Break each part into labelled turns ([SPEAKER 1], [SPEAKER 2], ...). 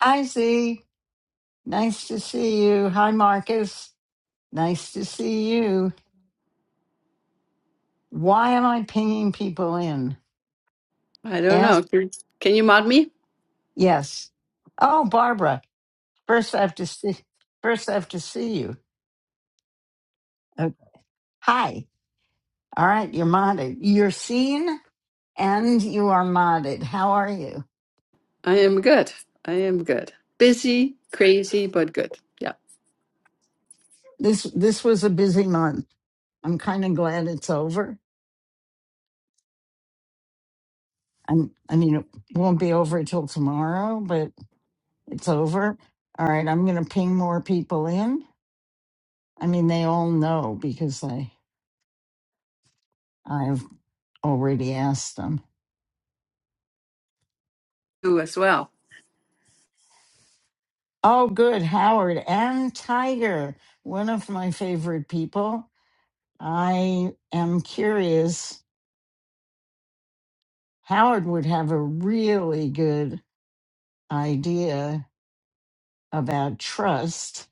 [SPEAKER 1] Hi, Z. Nice to see you. Hi, Marcus. Nice to see you. Why am I pinging people in?
[SPEAKER 2] I don't
[SPEAKER 1] Yes.
[SPEAKER 2] know. Can can you mod me?
[SPEAKER 1] Yes. Oh, Barbara. First, I have to see. First, I have to see you. Okay. Hi. All right. You're modded. You're seen and you are modded. How are you?
[SPEAKER 2] I am good. I am good. Busy, crazy, but good. Yeah.
[SPEAKER 1] This this was a busy month. I'm kind of glad it's over. I'm, I mean, it won't be over till tomorrow, but it's over. All right. I'm going to ping more people in. I mean, they all know because I I've already asked them.
[SPEAKER 2] You as well.
[SPEAKER 1] Oh, good, Howard and Tiger, one of my favorite people. I am curious. Howard would have a really good idea about trust.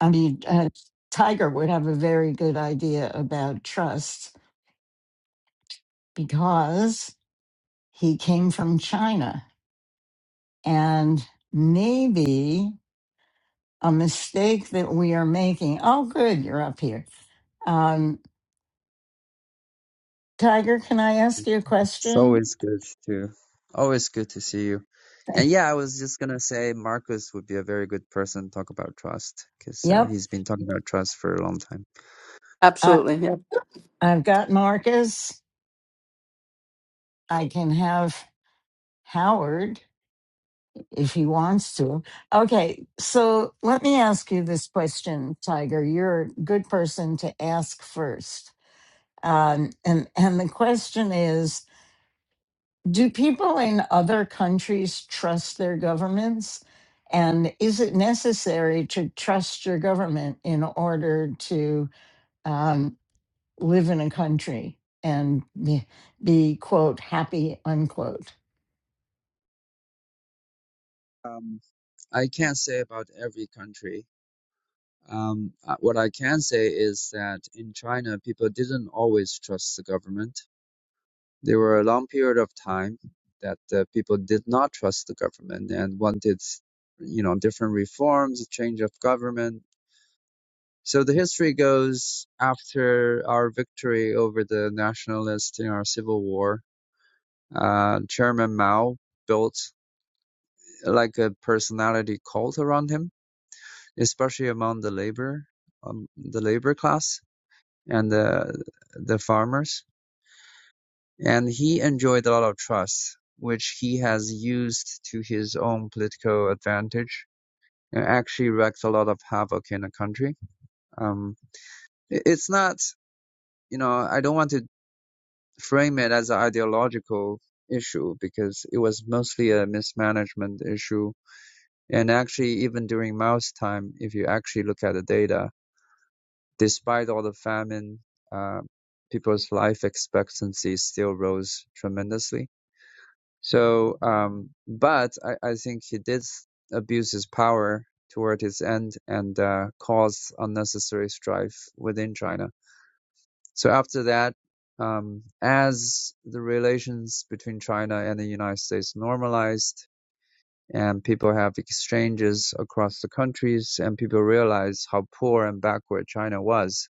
[SPEAKER 1] I mean, uh, Tiger would have a very good idea about trust because he came from China and maybe. a mistake that we are making. Oh, good, you're up here. Um, Tiger, can I ask you a
[SPEAKER 3] It's
[SPEAKER 1] question?
[SPEAKER 3] always good to always good to see you. And yeah, I was just gonna say Marcus would be a very good person to talk about trust because uh,
[SPEAKER 1] Yep,
[SPEAKER 3] he's been talking about trust for a long time.
[SPEAKER 1] I,
[SPEAKER 2] Absolutely. Yeah.
[SPEAKER 1] I've got Marcus. I can have Howard if he wants to. Okay, so let me ask you this question, Tiger. You're a good person to ask first. Um, and and the question is Do people in other countries trust their governments? And is it necessary to trust your government in order to um, live in a country and be, be, quote, happy, unquote?
[SPEAKER 3] Um, I can't say about every country. Um, uh, what I can say is that in China, people didn't always trust the government. There were a long period of time that uh, people did not trust the government and wanted, you know, different reforms, change of government, So the history goes after our victory over the nationalists in our civil war, uh, Chairman Mao built like a personality cult around him, especially among the labor, um, the labor class and the the farmers, and he enjoyed a lot of trust, which he has used to his own political advantage, and actually wreaked a lot of havoc in the country. Um, it's not you know, I don't want to frame it as an ideological issue because it was mostly a mismanagement issue. And actually, even during Mao's time, if you actually look at the data, despite all the famine, uh, people's life expectancy still rose tremendously. So, um, but I, I think he did abuse his power toward his end and uh, caused unnecessary strife within China so after that, um, as the relations between China and the United States normalized and people have exchanges across the countries and people realize how poor and backward China was.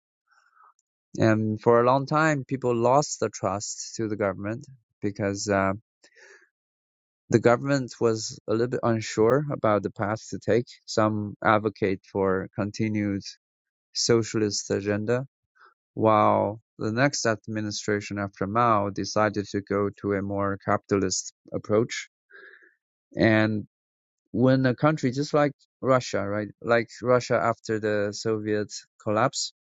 [SPEAKER 3] And for a long time, people lost the trust to the government because uh, the government was a little bit unsure about the path to take. Some advocate for continued socialist agenda While the next administration after Mao decided to go to a more capitalist approach. And when a country just like Russia, right, like Russia after the Soviet collapse,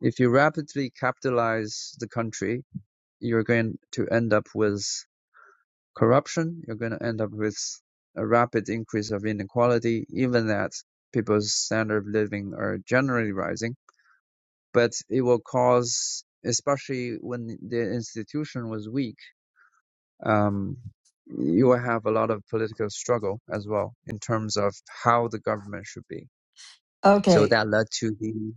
[SPEAKER 3] if you rapidly capitalize the country, you're going to end up with corruption. You're going to end up with a rapid increase of inequality, even that people's standard of living are generally rising. but it will cause, especially when the institution was weak, um, you will have a lot of political struggle as well in terms of how the government should be. So
[SPEAKER 1] Okay,
[SPEAKER 3] that led to the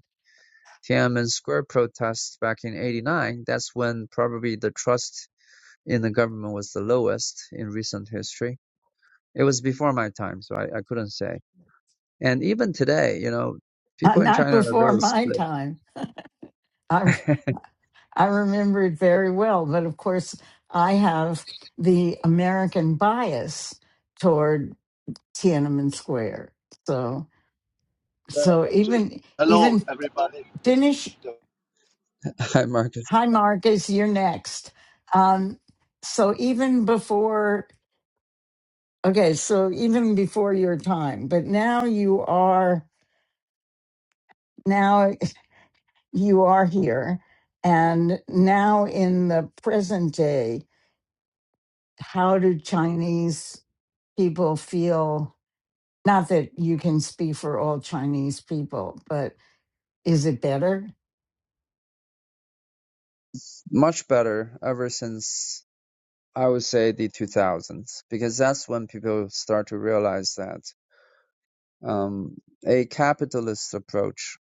[SPEAKER 3] Tiananmen Square protests back in 89. That's when probably the trust in the government was the lowest in recent history. It was before my time, so I, I couldn't say. And even today, you know,
[SPEAKER 1] uh,
[SPEAKER 3] people in
[SPEAKER 1] not
[SPEAKER 3] China are
[SPEAKER 1] before
[SPEAKER 3] very
[SPEAKER 1] my
[SPEAKER 3] split.
[SPEAKER 1] time. I, I remember it very well, but of course, I have the American bias toward Tiananmen Square. So, so
[SPEAKER 4] So,
[SPEAKER 1] even
[SPEAKER 4] hello,
[SPEAKER 1] even
[SPEAKER 4] everybody.
[SPEAKER 1] finish.
[SPEAKER 4] Uh,
[SPEAKER 3] Hi, Marcus.
[SPEAKER 1] Hi, Marcus, you're next. Um, so even before, okay, so even before your time, but now you are, now you are here. And now in the present day, how do Chinese people feel? Not that you can speak for all Chinese people, but Is it better?
[SPEAKER 3] Much better ever since I would say the 2000s, because that's when people start to realize that um, a capitalist approach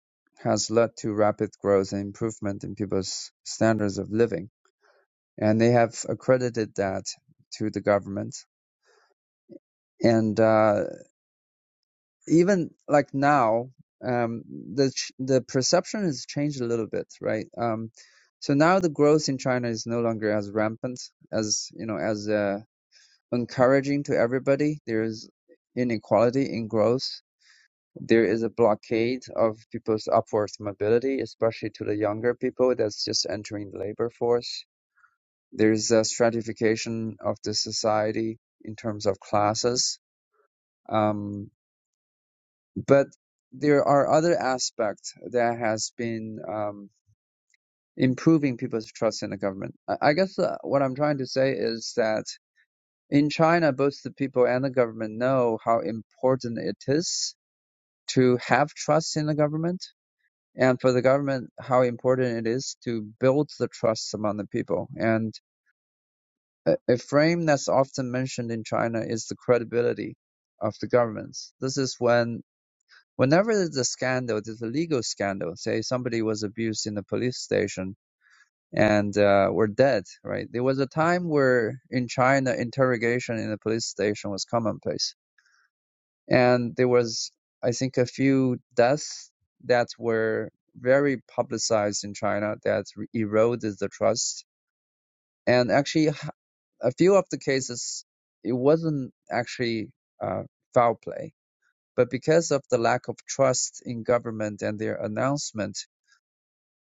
[SPEAKER 3] has led to rapid growth and improvement in people's standards of living. And they have accredited that to the government. And uh, even like now, um, the the perception has changed a little bit, right? Um, so now the growth in China is no longer as rampant as you know as uh, Encouraging to everybody, there is inequality in growth. There is a blockade of people's upward mobility, especially to the younger people that's just entering the labor force. There's a stratification of the society in terms of classes. Um, but there are other aspects that has been um, improving people's trust in the government. I guess uh, what I'm trying to say is that In China, both the people and the government know how important it is to have trust in the government, and for the government, how important it is to build the trust among the people. And a, frame that's often mentioned in China is the credibility of the governments. This is when, whenever there's a scandal, there's a legal scandal, say somebody was abused in the police station and uh, were dead, right? There was a time where in China, interrogation in the police station was commonplace and there was i think a few deaths that were very publicized in china that eroded the trust and actually a few of the cases it wasn't actually uh, foul play but because of the lack of trust in government and their announcement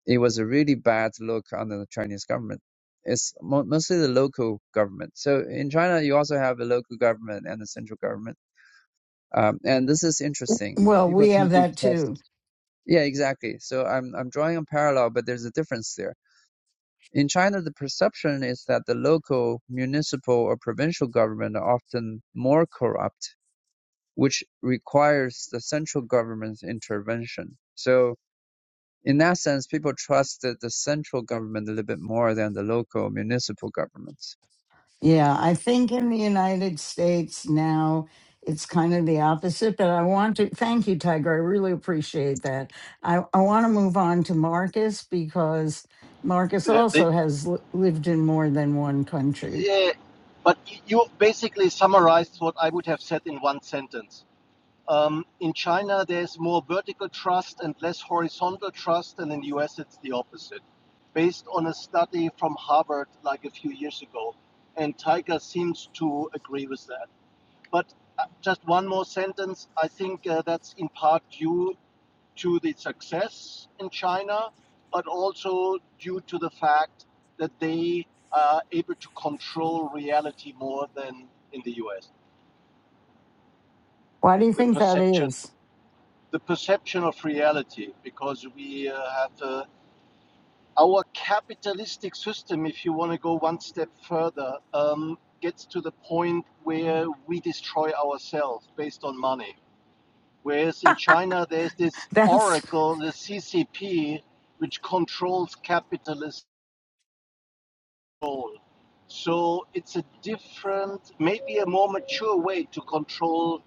[SPEAKER 3] it was a really bad look on the chinese government it's mo- mostly the local government so in china you also have a local government and a central government um, and this is interesting
[SPEAKER 1] Well,
[SPEAKER 3] people
[SPEAKER 1] we
[SPEAKER 3] tend
[SPEAKER 1] have
[SPEAKER 3] to
[SPEAKER 1] that
[SPEAKER 3] trust
[SPEAKER 1] too.
[SPEAKER 3] Yeah, exactly. So I'm I'm drawing a parallel, but there's a difference there. In China, the perception is that the local, municipal, or provincial government are often more corrupt, which requires the central government's intervention. So in that sense, people trust the, the central government a little bit more than the local municipal governments.
[SPEAKER 1] Yeah, I think in the United States now it's kind of the opposite, but I want to thank you, Tiger. I really appreciate that. I, I want to move on to Marcus because Marcus
[SPEAKER 4] they-
[SPEAKER 1] also has li- lived in more than one country.
[SPEAKER 4] yeah, but you basically summarized what I would have said in one sentence. Um, in China, there's more vertical trust and less horizontal trust, and in the US, it's the opposite. Based on a study from Harvard like a few years ago, and Tiger seems to agree with that. But uh, just one more sentence. I think uh, that's in part due to the success in China, but also due to the fact that they are able to control reality more than in the US.
[SPEAKER 1] Why do you
[SPEAKER 4] The
[SPEAKER 1] think that
[SPEAKER 4] perception,
[SPEAKER 1] is?
[SPEAKER 4] the perception of reality, because we uh, have uh, our capitalistic system, if you want to go one step further, um, gets to the point where we destroy ourselves based on money. Whereas in China, there's this
[SPEAKER 1] That's
[SPEAKER 4] oracle, the CCP, which controls capitalism control. So it's a different, maybe a more mature way to control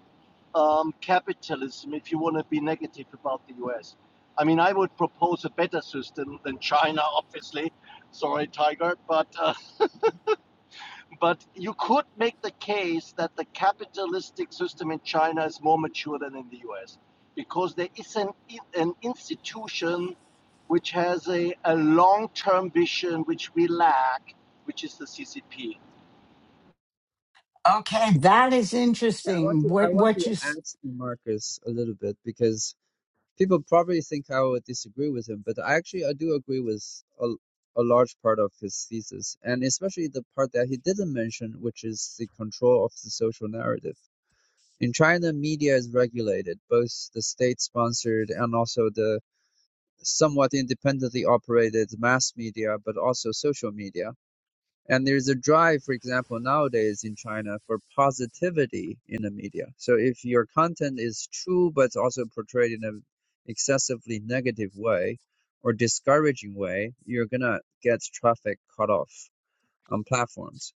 [SPEAKER 4] um, capitalism if you want to be negative about the US. I mean, I would propose a better system than China, obviously. Sorry, Tiger, but uh, but you could make the case that the capitalistic system in China is more mature than in the US because there is an an institution which has a, a long-term vision which we lack, which is the CCP.
[SPEAKER 1] Okay. that is
[SPEAKER 3] Yeah, I want
[SPEAKER 1] interesting.
[SPEAKER 3] to I
[SPEAKER 1] What
[SPEAKER 3] want to
[SPEAKER 1] what you s-
[SPEAKER 3] add to Marcus a little bit because people probably think I would disagree with him, but I actually I do agree with a, a large part of his thesis, and especially the part that he didn't mention, which is the control of the social narrative. In China, media is regulated, both the state-sponsored and also the somewhat independently operated mass media, but also social media and there's a drive for example nowadays in china for positivity in the media so if your content is true but it's also portrayed in an excessively negative way or discouraging way you're gonna get traffic cut off on platforms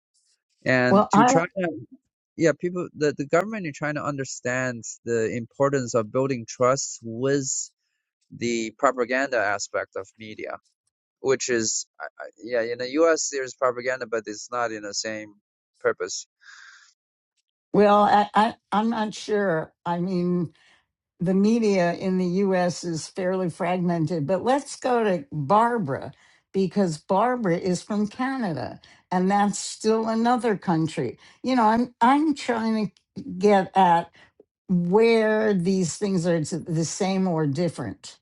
[SPEAKER 1] well
[SPEAKER 3] and to
[SPEAKER 1] I
[SPEAKER 3] china
[SPEAKER 1] don't
[SPEAKER 3] yeah people the, the government in china understands the importance of building trust with the propaganda aspect of media which is yeah in the us there's propaganda but it's not in the same purpose
[SPEAKER 1] well I, I I'm not sure. I mean the media in the U.S. is fairly fragmented, but let's go to Barbara because Barbara is from Canada, and that's still another country. You know, I'm I'm trying to get at where these things are the same or different.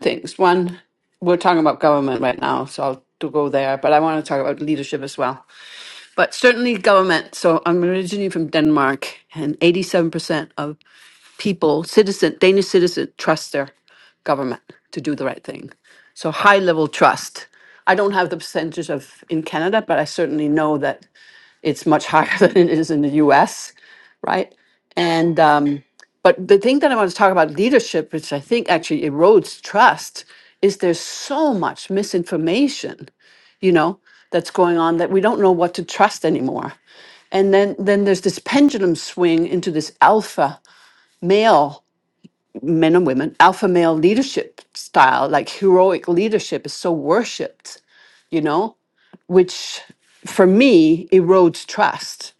[SPEAKER 2] Things. One, we're talking about government right now, so I'll to go there, but I want to talk about leadership as well. But certainly government. So I'm originally from Denmark, and 87% of people, citizen, Danish citizen, trust their government to do the right thing. So high level trust. I don't have the percentage of in Canada, but I certainly know that it's much higher than it is in the US, right? And um, but the thing that I want to talk about leadership, which I think actually erodes trust, is there's so much misinformation, you know, that's going on that we don't know what to trust anymore. And then then there's this pendulum swing into this alpha male men and women, alpha male leadership style, like heroic leadership is so worshipped, you know, which for me erodes trust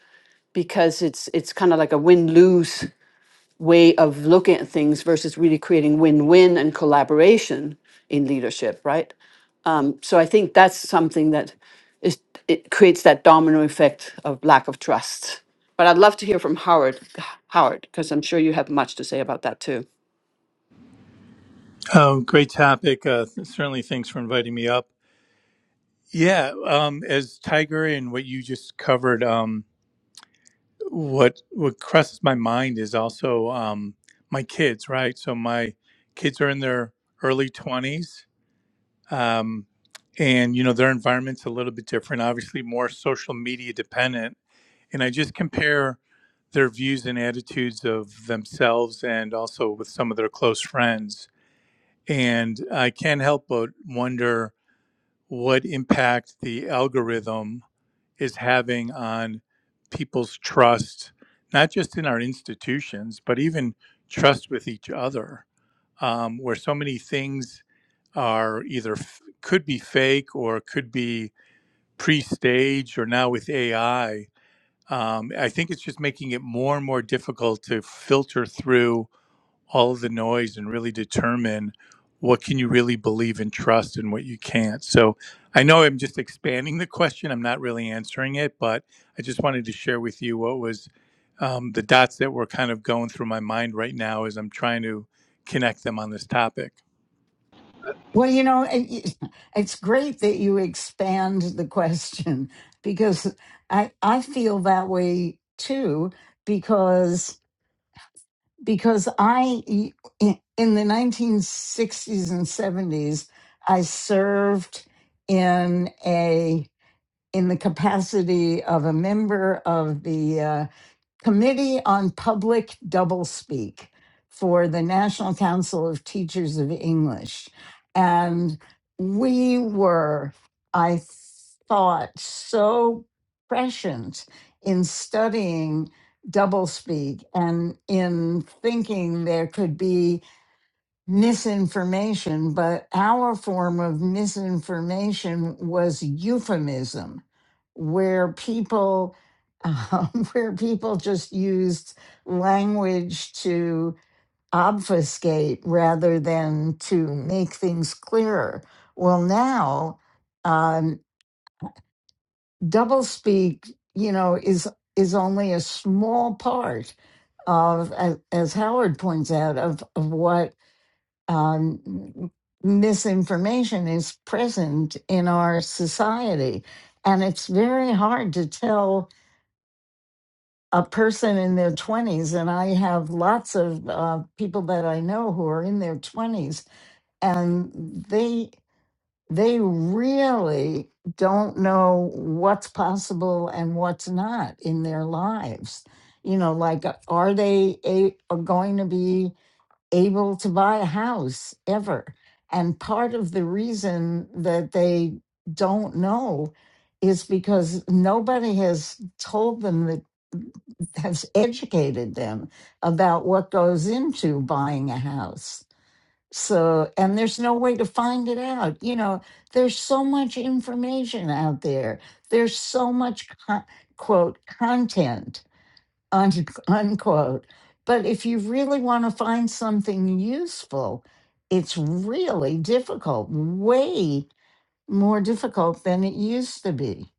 [SPEAKER 2] because it's it's kind of like a win-lose way of looking at things versus really creating win-win and collaboration in leadership, right? So I think that's something that is it creates that domino effect of lack of trust. But I'd love to hear from Howard, Howard, because I'm sure you have much to say about that too.
[SPEAKER 5] Um, great topic. Uh, certainly, thanks for inviting me up. Yeah, um, as Tiger and what you just covered, um, what what crosses my mind is also um, my kids, right? So my kids are in their early twenties, um, and you know their environment's a little bit different, obviously more social media dependent. And I just compare their views and attitudes of themselves, and also with some of their close friends. And I can't help but wonder what impact the algorithm is having on people's trust, not just in our institutions, but even trust with each other, um, where so many things are either f- could be fake or could be pre-staged or now with AI. Um, I think it's just making it more and more difficult to filter through all of the noise and really determine what can you really believe and trust and what you can't so i know i'm just expanding the question i'm not really answering it but i just wanted to share with you what was um, the dots that were kind of going through my mind right now as i'm trying to connect them on this topic
[SPEAKER 1] Well, you know, it, it's great that you expand the question because I I feel that way too because because I in in the 1960s and 70s I served in a in the capacity of a member of the uh, Committee on Public Doublespeak for the National Council of Teachers of English. And we were, I thought, so prescient in studying doublespeak and in thinking there could be misinformation, but our form of misinformation was euphemism, where people um, where people just used language to obfuscate rather than to make things clearer. Well, now um, doublespeak, you know, is is only a small part of, as, as Howard points out, of of what um, misinformation is present in our society. And it's very hard to tell a person in their 20s. And I have lots of uh, people that I know who are in their 20s, and they they really don't know what's possible and what's not in their lives you know like uh, are they a, are going to be able to buy a house ever. And part of the reason that they don't know is because nobody has told them that has educated them about what goes into buying a house. So, and there's no way to find it out. You know, there's so much information out there. There's so much co- quote content un- unquote. But if you really want to find something useful, it's really difficult, way more difficult than it used to be.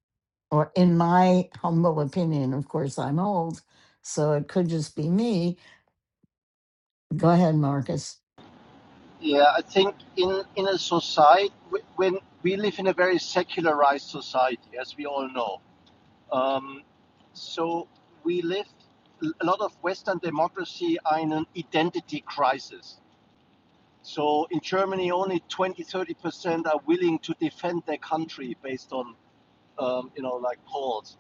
[SPEAKER 1] Or, in my humble opinion, of course, I'm old, so it could just be me. Go ahead, Marcus.
[SPEAKER 4] Yeah, I think in in a society when we live in a very secularized society, as we all know, um, so we live a lot of Western democracy are in an identity crisis. So in Germany, only 20 30 percent are willing to defend their country based on um, you know like polls.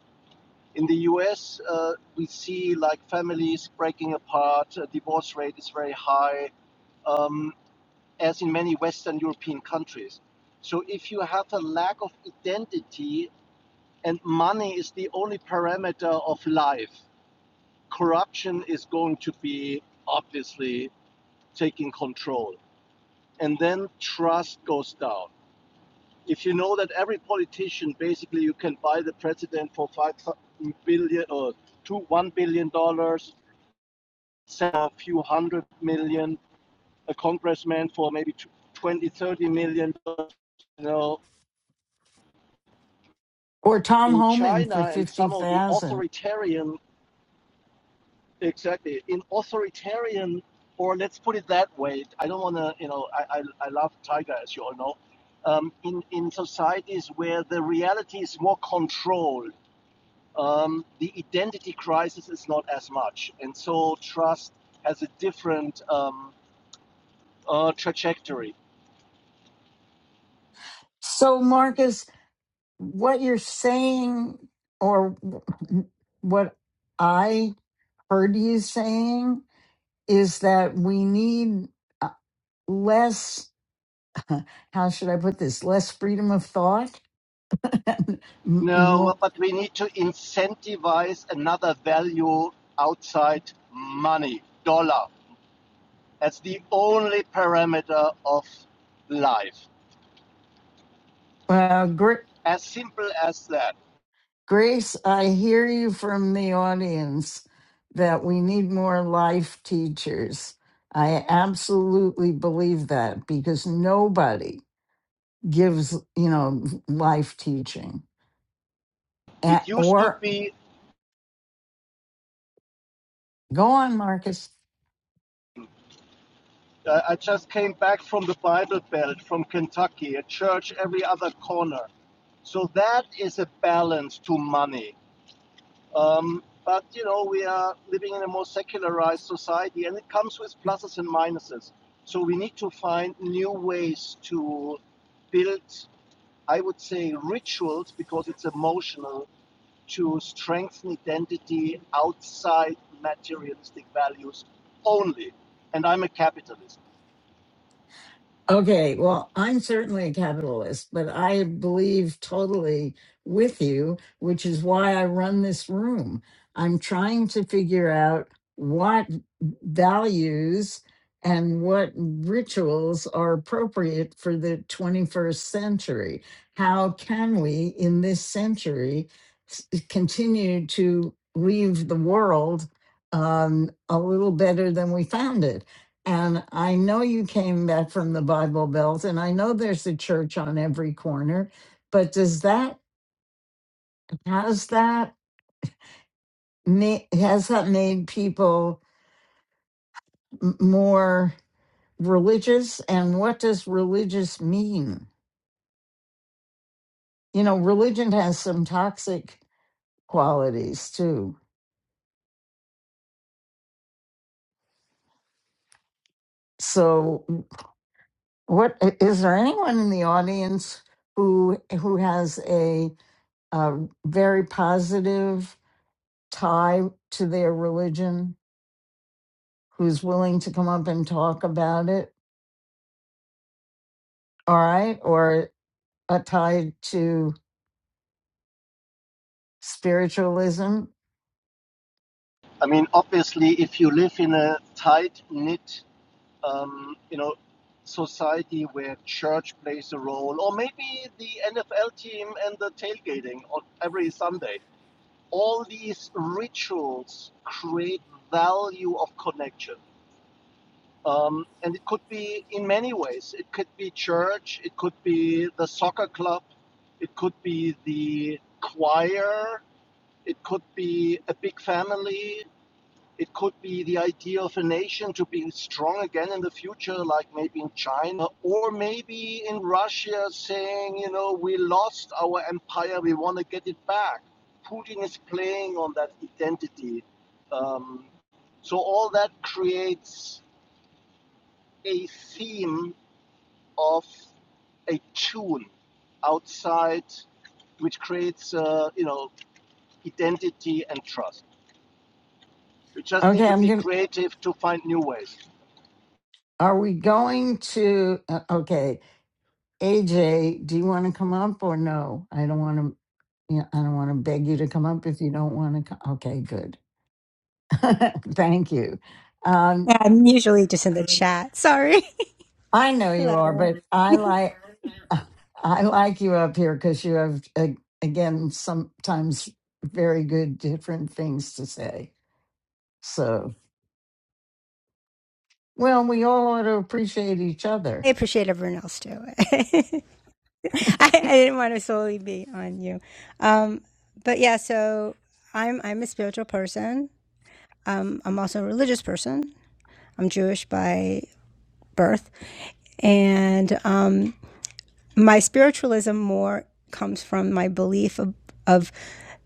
[SPEAKER 4] In the U.S., uh, we see like families breaking apart, uh, divorce rate is very high. Um, as in many Western European countries. So if you have a lack of identity and money is the only parameter of life, corruption is going to be obviously taking control. And then trust goes down. If you know that every politician, basically, you can buy the president for five billion or two one billion dollars, sell a few hundred million, a congressman for maybe twenty thirty million, you know,
[SPEAKER 1] Or Tom
[SPEAKER 4] in
[SPEAKER 1] Homan for
[SPEAKER 4] China and some of the
[SPEAKER 1] 50,000.
[SPEAKER 4] authoritarian, exactly, in authoritarian, or let's put it that way, I don't want to, you know, I, I, I love Tiger, as you all know, um, in, in societies where the reality is more controlled, um, the identity crisis is not as much. And so trust has a different um, uh, trajectory.
[SPEAKER 1] So, Marcus, what you're saying, or what I heard you saying, is that we need uh, less how should i put this less freedom of thought M-
[SPEAKER 4] No,
[SPEAKER 1] mo-
[SPEAKER 4] but we need to incentivize another value outside money, dollar. as the only parameter of life.
[SPEAKER 1] uh, Gr-
[SPEAKER 4] As simple as that.
[SPEAKER 1] grace i hear you from the audience that we need more life teachers i absolutely believe that because nobody gives you know life teaching A-
[SPEAKER 4] It used to
[SPEAKER 1] or
[SPEAKER 4] be,
[SPEAKER 1] go on marcus
[SPEAKER 4] uh, I just came back from the Bible Belt, from Kentucky, a church every other corner. So that is a balance to money. Um, but you know, we are living in a more secularized society, and it comes with pluses and minuses. So we need to find new ways to build, I would say, rituals because it's emotional to strengthen identity outside materialistic values only. And I'm a capitalist.
[SPEAKER 1] Okay, well, I'm certainly a capitalist, but I believe totally with you, which is why I run this room. I'm trying to figure out what values and what rituals are appropriate for the 21st century. How can we, in this century, s- continue to leave the world um, a little better than we found it? And I know you came back from the Bible Belt, and I know there's a church on every corner, but does that, has that, ma- has that made people m- more religious? And what does religious mean? You know, religion has some toxic qualities too. So, what is there anyone in the audience who who has a, a very positive tie to their religion? who's willing to come up and talk about it. All right. Or uh, tied to spiritualism.
[SPEAKER 4] I mean, obviously, if you live in a tight knit, um, you know, society where church plays a role, or maybe the NFL team and the tailgating on every Sunday, all these rituals create value of connection. Um, and it could be in many ways. It could be church, it could be the soccer club, it could be the choir, it could be a big family, it could be the idea of a nation to be strong again in the future, like maybe in China, or maybe in Russia saying, you know, we lost our empire, we want to get it back. Putin is playing on that identity. Um, so all that creates a theme of a tune outside which creates uh, you know identity and trust. We just need
[SPEAKER 1] Okay.
[SPEAKER 4] to
[SPEAKER 1] I'm
[SPEAKER 4] be
[SPEAKER 1] going to,
[SPEAKER 4] creative to find new ways.
[SPEAKER 1] are we going to, uh, okay. AJ, do you want to come up or no? I don't want to, you know, I don't want to beg you to come up if you don't want to come. Okay. Good. Thank you. Um,
[SPEAKER 6] Yeah, I'm usually just in the chat. Sorry.
[SPEAKER 1] I know you are,
[SPEAKER 6] Hello.
[SPEAKER 1] but I like, I like you up here because you have, uh, again, sometimes very good different things to say. So, well, we all ought to appreciate each
[SPEAKER 6] I
[SPEAKER 1] other.
[SPEAKER 6] appreciate everyone else too. I, I didn't want to solely be on you. Um, but yeah, so I'm I'm a spiritual person. Um, I'm also a religious person. I'm Jewish by birth, and um, my spiritualism more comes from my belief of, of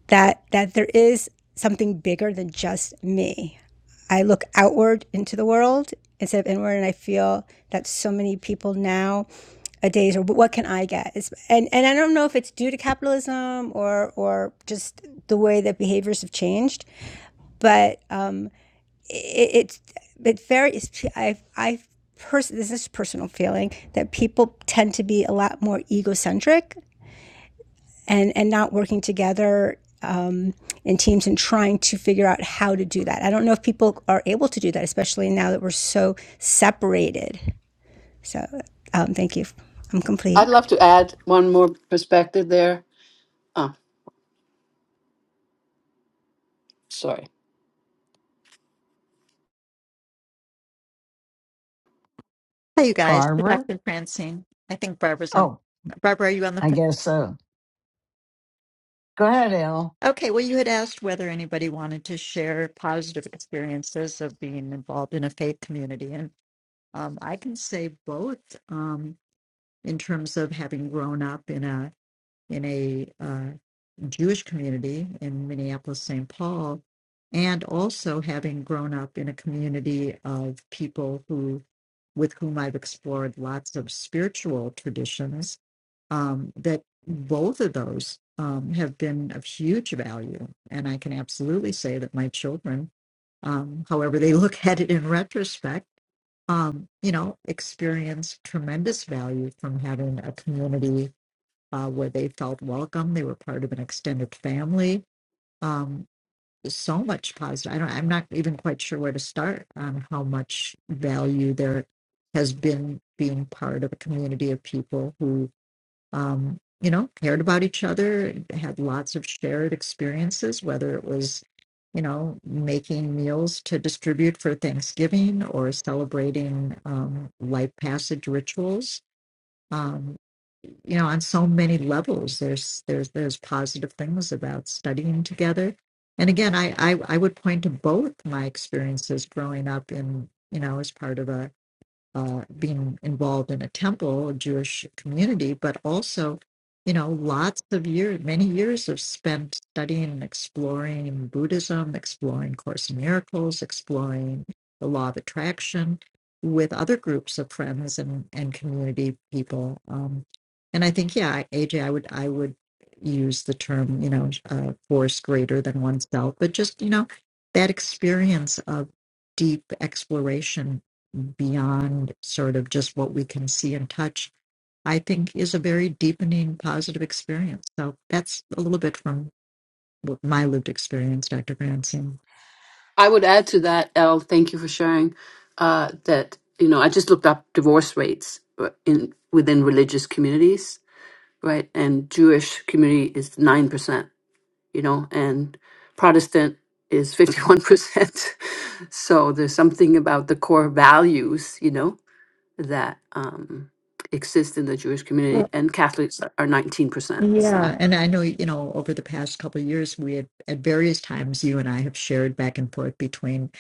[SPEAKER 6] that that there is something bigger than just me. I look outward into the world instead of inward, and I feel that so many people now a days are what can I get? It's, and and I don't know if it's due to capitalism or or just the way that behaviors have changed, but um, it, it's it's very it's, I've I've pers- this is a personal feeling that people tend to be a lot more egocentric and and not working together um, in teams and trying to figure out how to do that. I don't know if people are able to do that, especially now that we're so separated. So um, thank you. I'm complete.
[SPEAKER 2] I'd love to add one more perspective there. Oh, sorry.
[SPEAKER 7] Hey, you guys. Good
[SPEAKER 1] Barbara?
[SPEAKER 7] afternoon, Francine. I think Barbara's on.
[SPEAKER 1] Oh,
[SPEAKER 7] Barbara, are you on the
[SPEAKER 1] I
[SPEAKER 7] phone?
[SPEAKER 1] guess so. Go ahead, Elle.
[SPEAKER 7] Okay, well, you had asked whether anybody wanted to share positive experiences of being involved in a faith community. And um, I can say both um, in terms of having grown up in a in a uh, Jewish community in Minneapolis, St. Paul, and also having grown up in a community of people who, with whom I've explored lots of spiritual traditions, um, that both of those um, have been of huge value. And I can absolutely say that my children, um, however they look at it in retrospect, um, you know, experience tremendous value from having a community uh, where they felt welcome. They were part of an extended family. Um, so much positive. I don't, I'm not even quite sure where to start on how much value there has been being part of a community of people who, um, you know, cared about each other, had lots of shared experiences, whether it was you know, making meals to distribute for Thanksgiving or celebrating um, life passage rituals. Um, you know on so many levels there's there's there's positive things about studying together and again i i, I would point to both my experiences growing up in you know as part of a uh, being involved in a temple, a Jewish community, but also, you know, lots of years, many years of spent studying and exploring Buddhism, exploring Course in Miracles, exploring the Law of Attraction with other groups of friends and, and community people. Um, and I think, yeah, AJ, I would, I would use the term, you know, uh, force greater than oneself, but just, you know, that experience of deep exploration beyond sort of just what we can see and touch, I think is a very deepening positive experience. So that's a little bit from what my lived experience, Dr. Granson.
[SPEAKER 2] I would add to that, Elle, thank you for sharing uh, that, you know, I just looked up divorce rates uh, in within religious communities, right? And Jewish community is 9%, you know, and Protestant is 51%. so there's something about the core values, you know, that um, exist in the Jewish
[SPEAKER 7] Well,
[SPEAKER 2] community, and Catholics are 19%.
[SPEAKER 7] Yeah,
[SPEAKER 2] So,
[SPEAKER 7] and I know, you know, over the past couple of years, we had at various times, you and I have shared back and forth between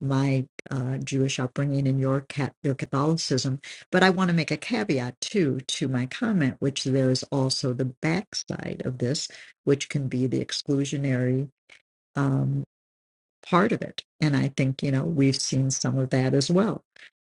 [SPEAKER 7] my uh, Jewish upbringing and your cat, your Catholicism. But I want to make a caveat too to my comment, which there is also the backside of this, which can be the exclusionary um, part of it. And I think, you know, we've seen some of that as well.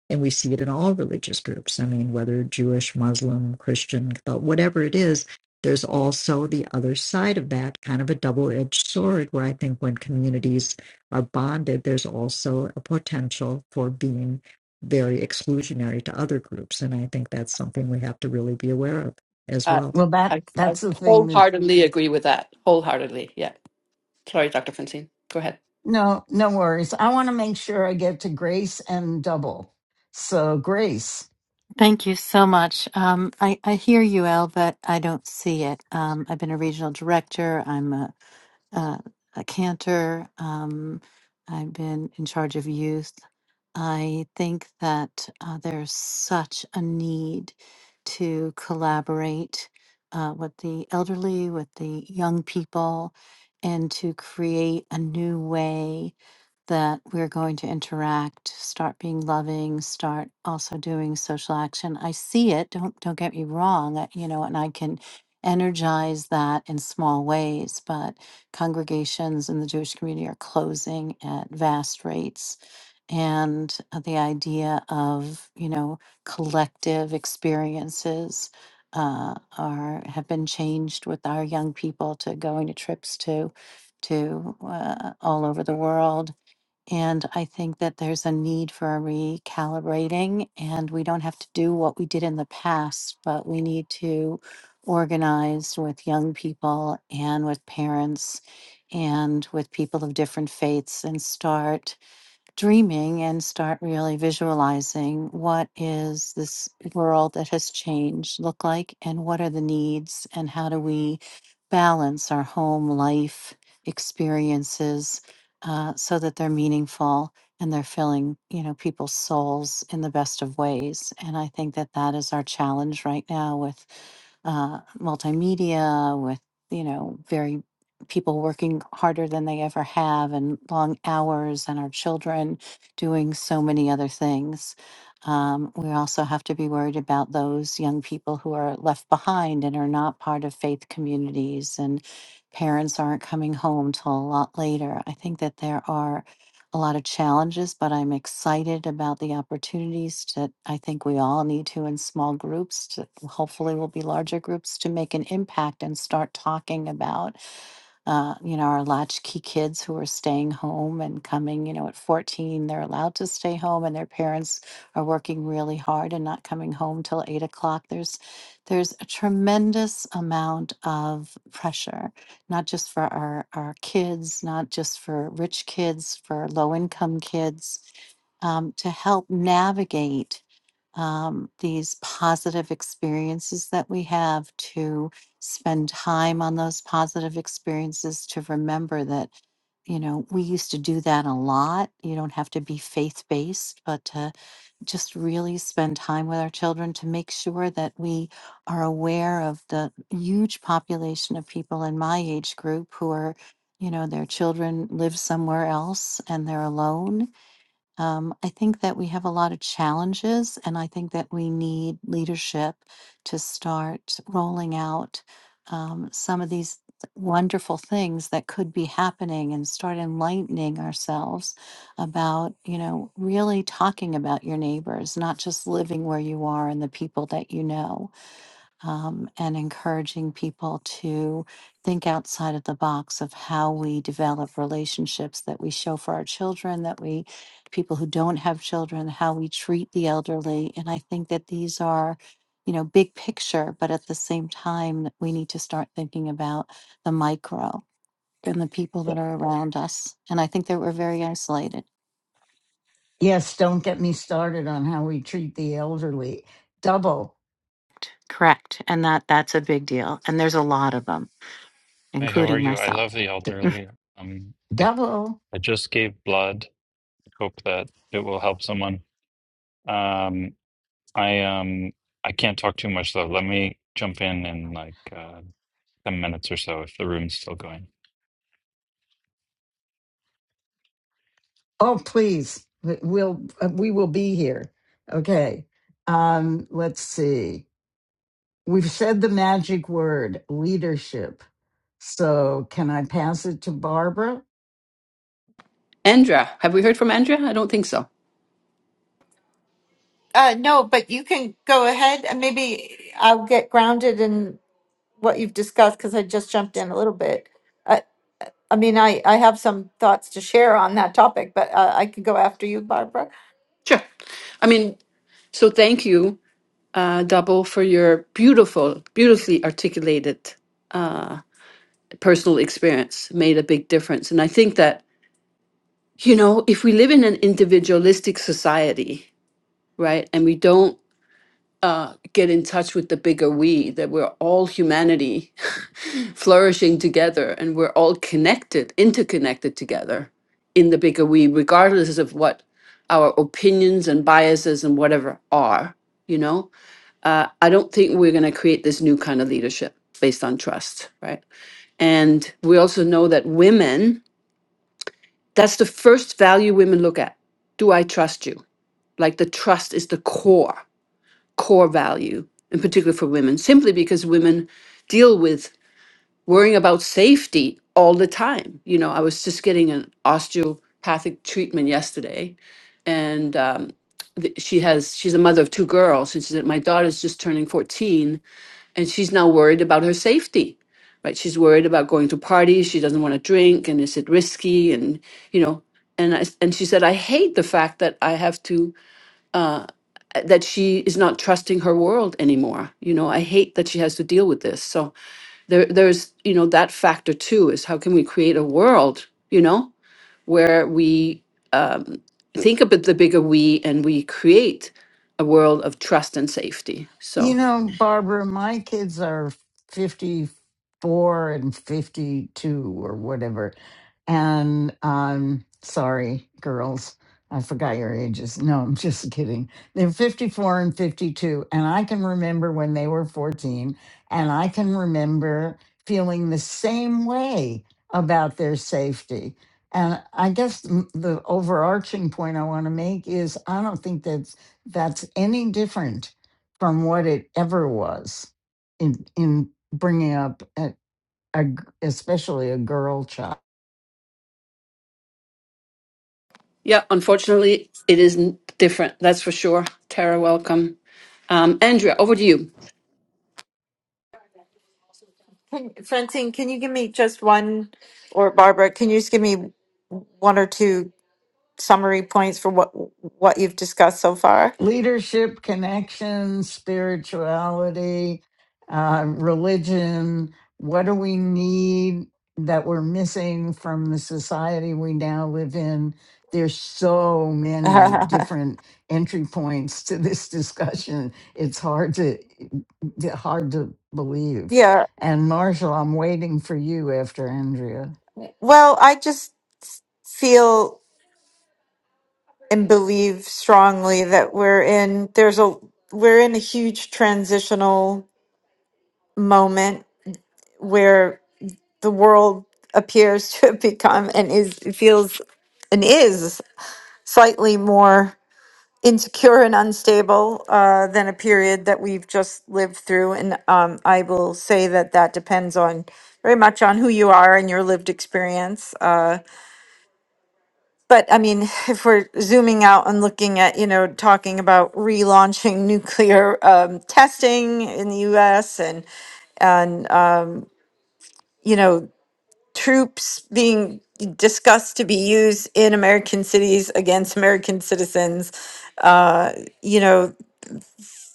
[SPEAKER 7] And we see it in all religious groups. I mean, whether Jewish, Muslim, Christian, Catholic, whatever it is, there's also the other side of that kind of a double edged sword where I think when communities are bonded, there's also a potential for being very exclusionary to other groups. And I think that's something we have to really be aware of as
[SPEAKER 2] Uh,
[SPEAKER 7] well.
[SPEAKER 1] Well, that
[SPEAKER 2] I, I
[SPEAKER 1] that's the thing that
[SPEAKER 2] wholeheartedly agree with that. Wholeheartedly. Yeah. Sorry, Dr. Francine. Go ahead.
[SPEAKER 1] no, no worries. I want to make sure I get to Grace and double. So, Grace,
[SPEAKER 8] Thank you so much. Um, I, I hear you, El, but I don't see it. Um, I've been a regional director. I'm a, a, a cantor. Um, I've been in charge of youth. I think that uh, there's such a need to collaborate uh, with the elderly, with the young people, and to create a new way that we're going to interact, start being loving, start also doing social action. I see it. Don't don't get me wrong. I, you know, and I can energize that in small ways. But congregations in the Jewish community are closing at vast rates, and uh, the idea of you know collective experiences uh, are have been changed with our young people to going to trips to to uh, all over the world and I think that there's a need for a recalibrating, and we don't have to do what we did in the past, but we need to organize with young people and with parents and with people of different faiths and start dreaming and start really visualizing what is this world that has changed look like and what are the needs and how do we balance our home life experiences uh, so that they're meaningful and they're filling you know people's souls in the best of ways and i think that that is our challenge right now with uh, multimedia with you know very people working harder than they ever have and long hours and our children doing so many other things. Um, we also have to be worried about those young people who are left behind and are not part of faith communities and parents aren't coming home till a lot later. I think that there are a lot of challenges, but I'm excited about the opportunities that I think we all need to in small groups to hopefully will be larger groups to make an impact and start talking about uh, you know, our latchkey kids who are staying home and coming, you know, at 14, they're allowed to stay home and their parents are working really hard and not coming home till eight o'clock. There's there's a tremendous amount of pressure, not just for our, our kids, not just for rich kids, for low income kids, um, to help navigate um, these positive experiences that we have to spend time on those positive experiences to remember that you know we used to do that a lot you don't have to be faith based but to just really spend time with our children to make sure that we are aware of the huge population of people in my age group who are you know their children live somewhere else and they're alone um, I think that we have a lot of challenges, and I think that we need leadership to start rolling out um, some of these wonderful things that could be happening and start enlightening ourselves about, you know, really talking about your neighbors, not just living where you are and the people that you know um, and encouraging people to think outside of the box of how we develop relationships that we show for our children, that we, people who don't have children, how we treat the elderly. And I think that these are, you know, big picture, but at the same time, we need to start thinking about the micro and the people that are around us. And I think that we're very isolated.
[SPEAKER 1] yes, don't get me started on how we treat the elderly. Double,
[SPEAKER 8] Correct. And that that's a big deal. And there's a lot of them,
[SPEAKER 9] Hi, how are
[SPEAKER 8] including
[SPEAKER 9] you? I
[SPEAKER 8] myself.
[SPEAKER 9] love the
[SPEAKER 1] D-
[SPEAKER 9] elderly. Um, I,
[SPEAKER 1] double.
[SPEAKER 9] I just gave blood. I Hope that it will help someone. Um, I um I can't talk too much though. Let me jump in in like uh, 10 minutes or so if the room's still going.
[SPEAKER 1] Oh, please, we- we'll uh, we will be here. Okay. Um, let's see. We've said the magic word leadership So can I pass it to Barbara?
[SPEAKER 2] Andra, have we heard from Andra? I don't think so.
[SPEAKER 10] Uh, no, but you can go ahead and maybe I'll get grounded in what you've discussed because I just jumped in a little bit. I, I mean, I, I have some thoughts to share on that topic, but uh, I could go after you, Barbara.
[SPEAKER 2] Sure. I mean, so thank you, uh, Double, for your beautiful, beautifully articulated uh, personal experience. Made a big difference, and I think that you know, if we live in an individualistic society, right, and we don't uh, get in touch with the bigger we, that we're all humanity flourishing together and we're all connected, interconnected together in the bigger we, regardless of what our opinions and biases and whatever are. You know, uh, I don't think we're going to create this new kind of leadership based on trust, right? And we also know that women, that's the first value women look at. Do I trust you? Like the trust is the core core value, in particular for women, simply because women deal with worrying about safety all the time. You know, I was just getting an osteopathic treatment yesterday, and um, th- she has she's a mother of two girls, and she said my daughter's just turning fourteen, and she's now worried about her safety. Right, she's worried about going to parties. She doesn't want to drink, and is it risky? And you know, and I, and she said, I hate the fact that I have to. uh, that she is not trusting her world anymore. You know, I hate that she has to deal with this. So there there's, you know, that factor too is how can we create a world, you know, where we um, think about the bigger we and we create a world of trust and safety.
[SPEAKER 1] You
[SPEAKER 2] So
[SPEAKER 1] know, Barbara, my kids are 54 and 52 or whatever. And um, sorry, girls, I forgot your ages. No, I'm just kidding. They're 54 and 52. And I can remember when they were 14, and I can remember feeling the same way about their safety. And I guess m- the overarching point I want to make is I don't think that's that's any different from what it ever was in in bringing up a, a g- especially a girl child.
[SPEAKER 2] yeah, unfortunately it isn't different, that's for sure. Tara, welcome. Um, Andrea, over to you.
[SPEAKER 10] Can, Francine, can you give me just one, or Barbara, can you just give me one or two summary points for what what you've discussed so far?
[SPEAKER 1] leadership, connections, spirituality, uh, religion. What do we need that we're missing from the society we now live in? There's so many different entry points to this discussion. It's hard to hard to believe.
[SPEAKER 10] yeah.
[SPEAKER 1] And Marshall, I'm waiting for you after Andrea.
[SPEAKER 10] Well, I just feel. and believe strongly that we're in there's a we're in a huge transitional moment where the world appears to have become and is feels and is slightly more insecure and unstable uh, than a period that we've just lived through and um, i will say that that depends on very much on who you are and your lived experience Uh, But I mean, if we're zooming out and looking at, you know, talking about relaunching nuclear um, testing in the US and, you know, troops being discussed to be used in American cities against American citizens, uh, you know,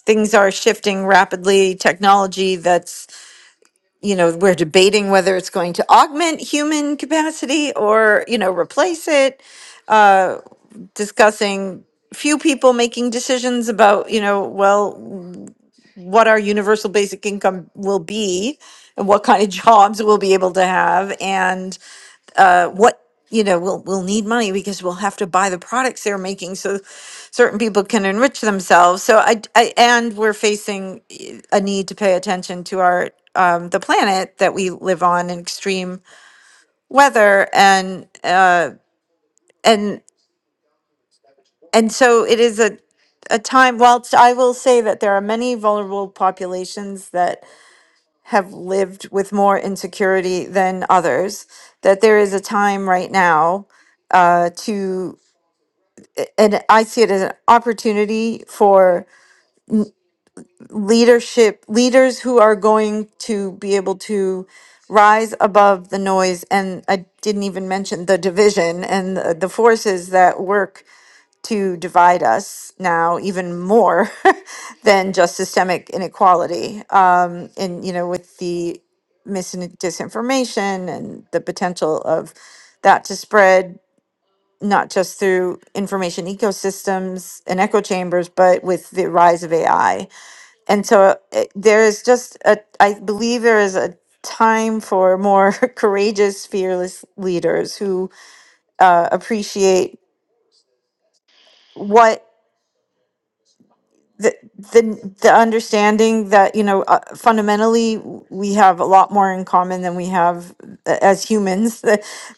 [SPEAKER 10] things are shifting rapidly. Technology that's, you know, we're debating whether it's going to augment human capacity or, you know, replace it, discussing few people making decisions about you know well what our universal basic income will be and what kind of jobs we'll be able to have and uh, what you know we'll we'll need money because we'll have to buy the products they're making so certain people can enrich themselves so i, I and we're facing eh, a need to pay attention to our um, the planet that we live on in extreme weather and uh, and and so it is a a time whilst i will say that there are many vulnerable populations that have lived with more insecurity than others, that there is a time right now uh, to, and I see it as an opportunity for leadership, leaders who are going to be able to rise above the noise. And I didn't even mention the division and the, the forces that work to divide us now even more than just systemic inequality. Um, and, you know, with the mis and disinformation and the potential of that to spread, not just through information ecosystems and echo chambers, but with the rise of AI. And so it, there is just a, I believe there is a time for more courageous, fearless leaders who uh, appreciate what the the the understanding that you know uh, fundamentally w- we have a lot more in common than we have uh, as humans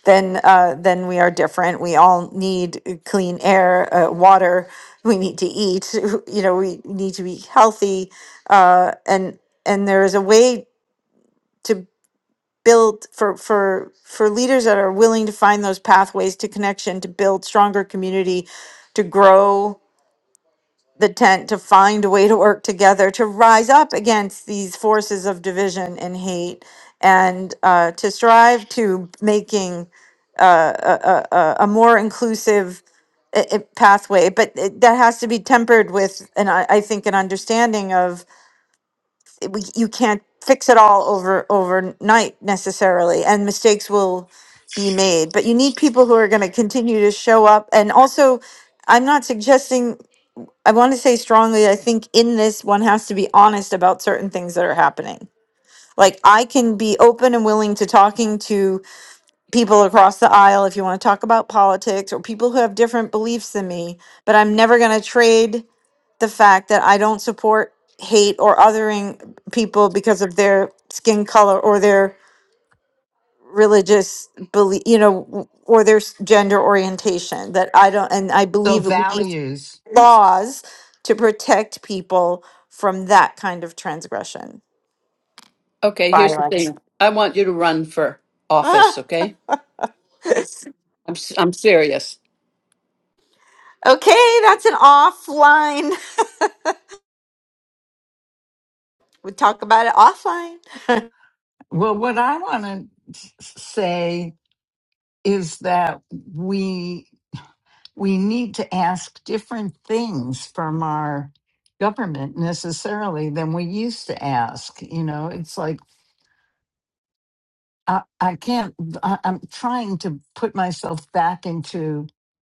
[SPEAKER 10] than uh, than we are different. We all need uh, clean air, uh, water. We need to eat. You know, we need to be healthy, uh, and and there is a way to build for for for leaders that are willing to find those pathways to connection to build stronger community to grow the tent to find a way to work together to rise up against these forces of division and hate and uh, to strive to making uh, a, a, a a more inclusive i- i- pathway but it, that has to be tempered with and I, I think an understanding of it- we, you can't fix it all over overnight necessarily and mistakes will be made but you need people who are going to continue to show up and also i'm not suggesting I want to say strongly, I think in this, one has to be honest about certain things that are happening. Like, I can be open and willing to talking to people across the aisle if you want to talk about politics or people who have different beliefs than me, but I'm never going to trade the fact that I don't support hate or othering people because of their skin color or their religious belief, you know, w- or their s- gender orientation. That I don't, and I
[SPEAKER 1] So
[SPEAKER 10] believe we need
[SPEAKER 1] values.
[SPEAKER 10] laws to protect people from that kind of transgression,
[SPEAKER 2] Okay, here's the
[SPEAKER 10] violence.
[SPEAKER 2] thing. I want you to run for
[SPEAKER 10] Ah.
[SPEAKER 2] office, okay? I'm s- I'm serious.
[SPEAKER 10] okay, that's an offline. We talk about it offline.
[SPEAKER 1] Well, what I want to say is that we we need to ask different things from our government necessarily than we used to ask. You know, it's like I, I can't, I, I'm trying to put myself back into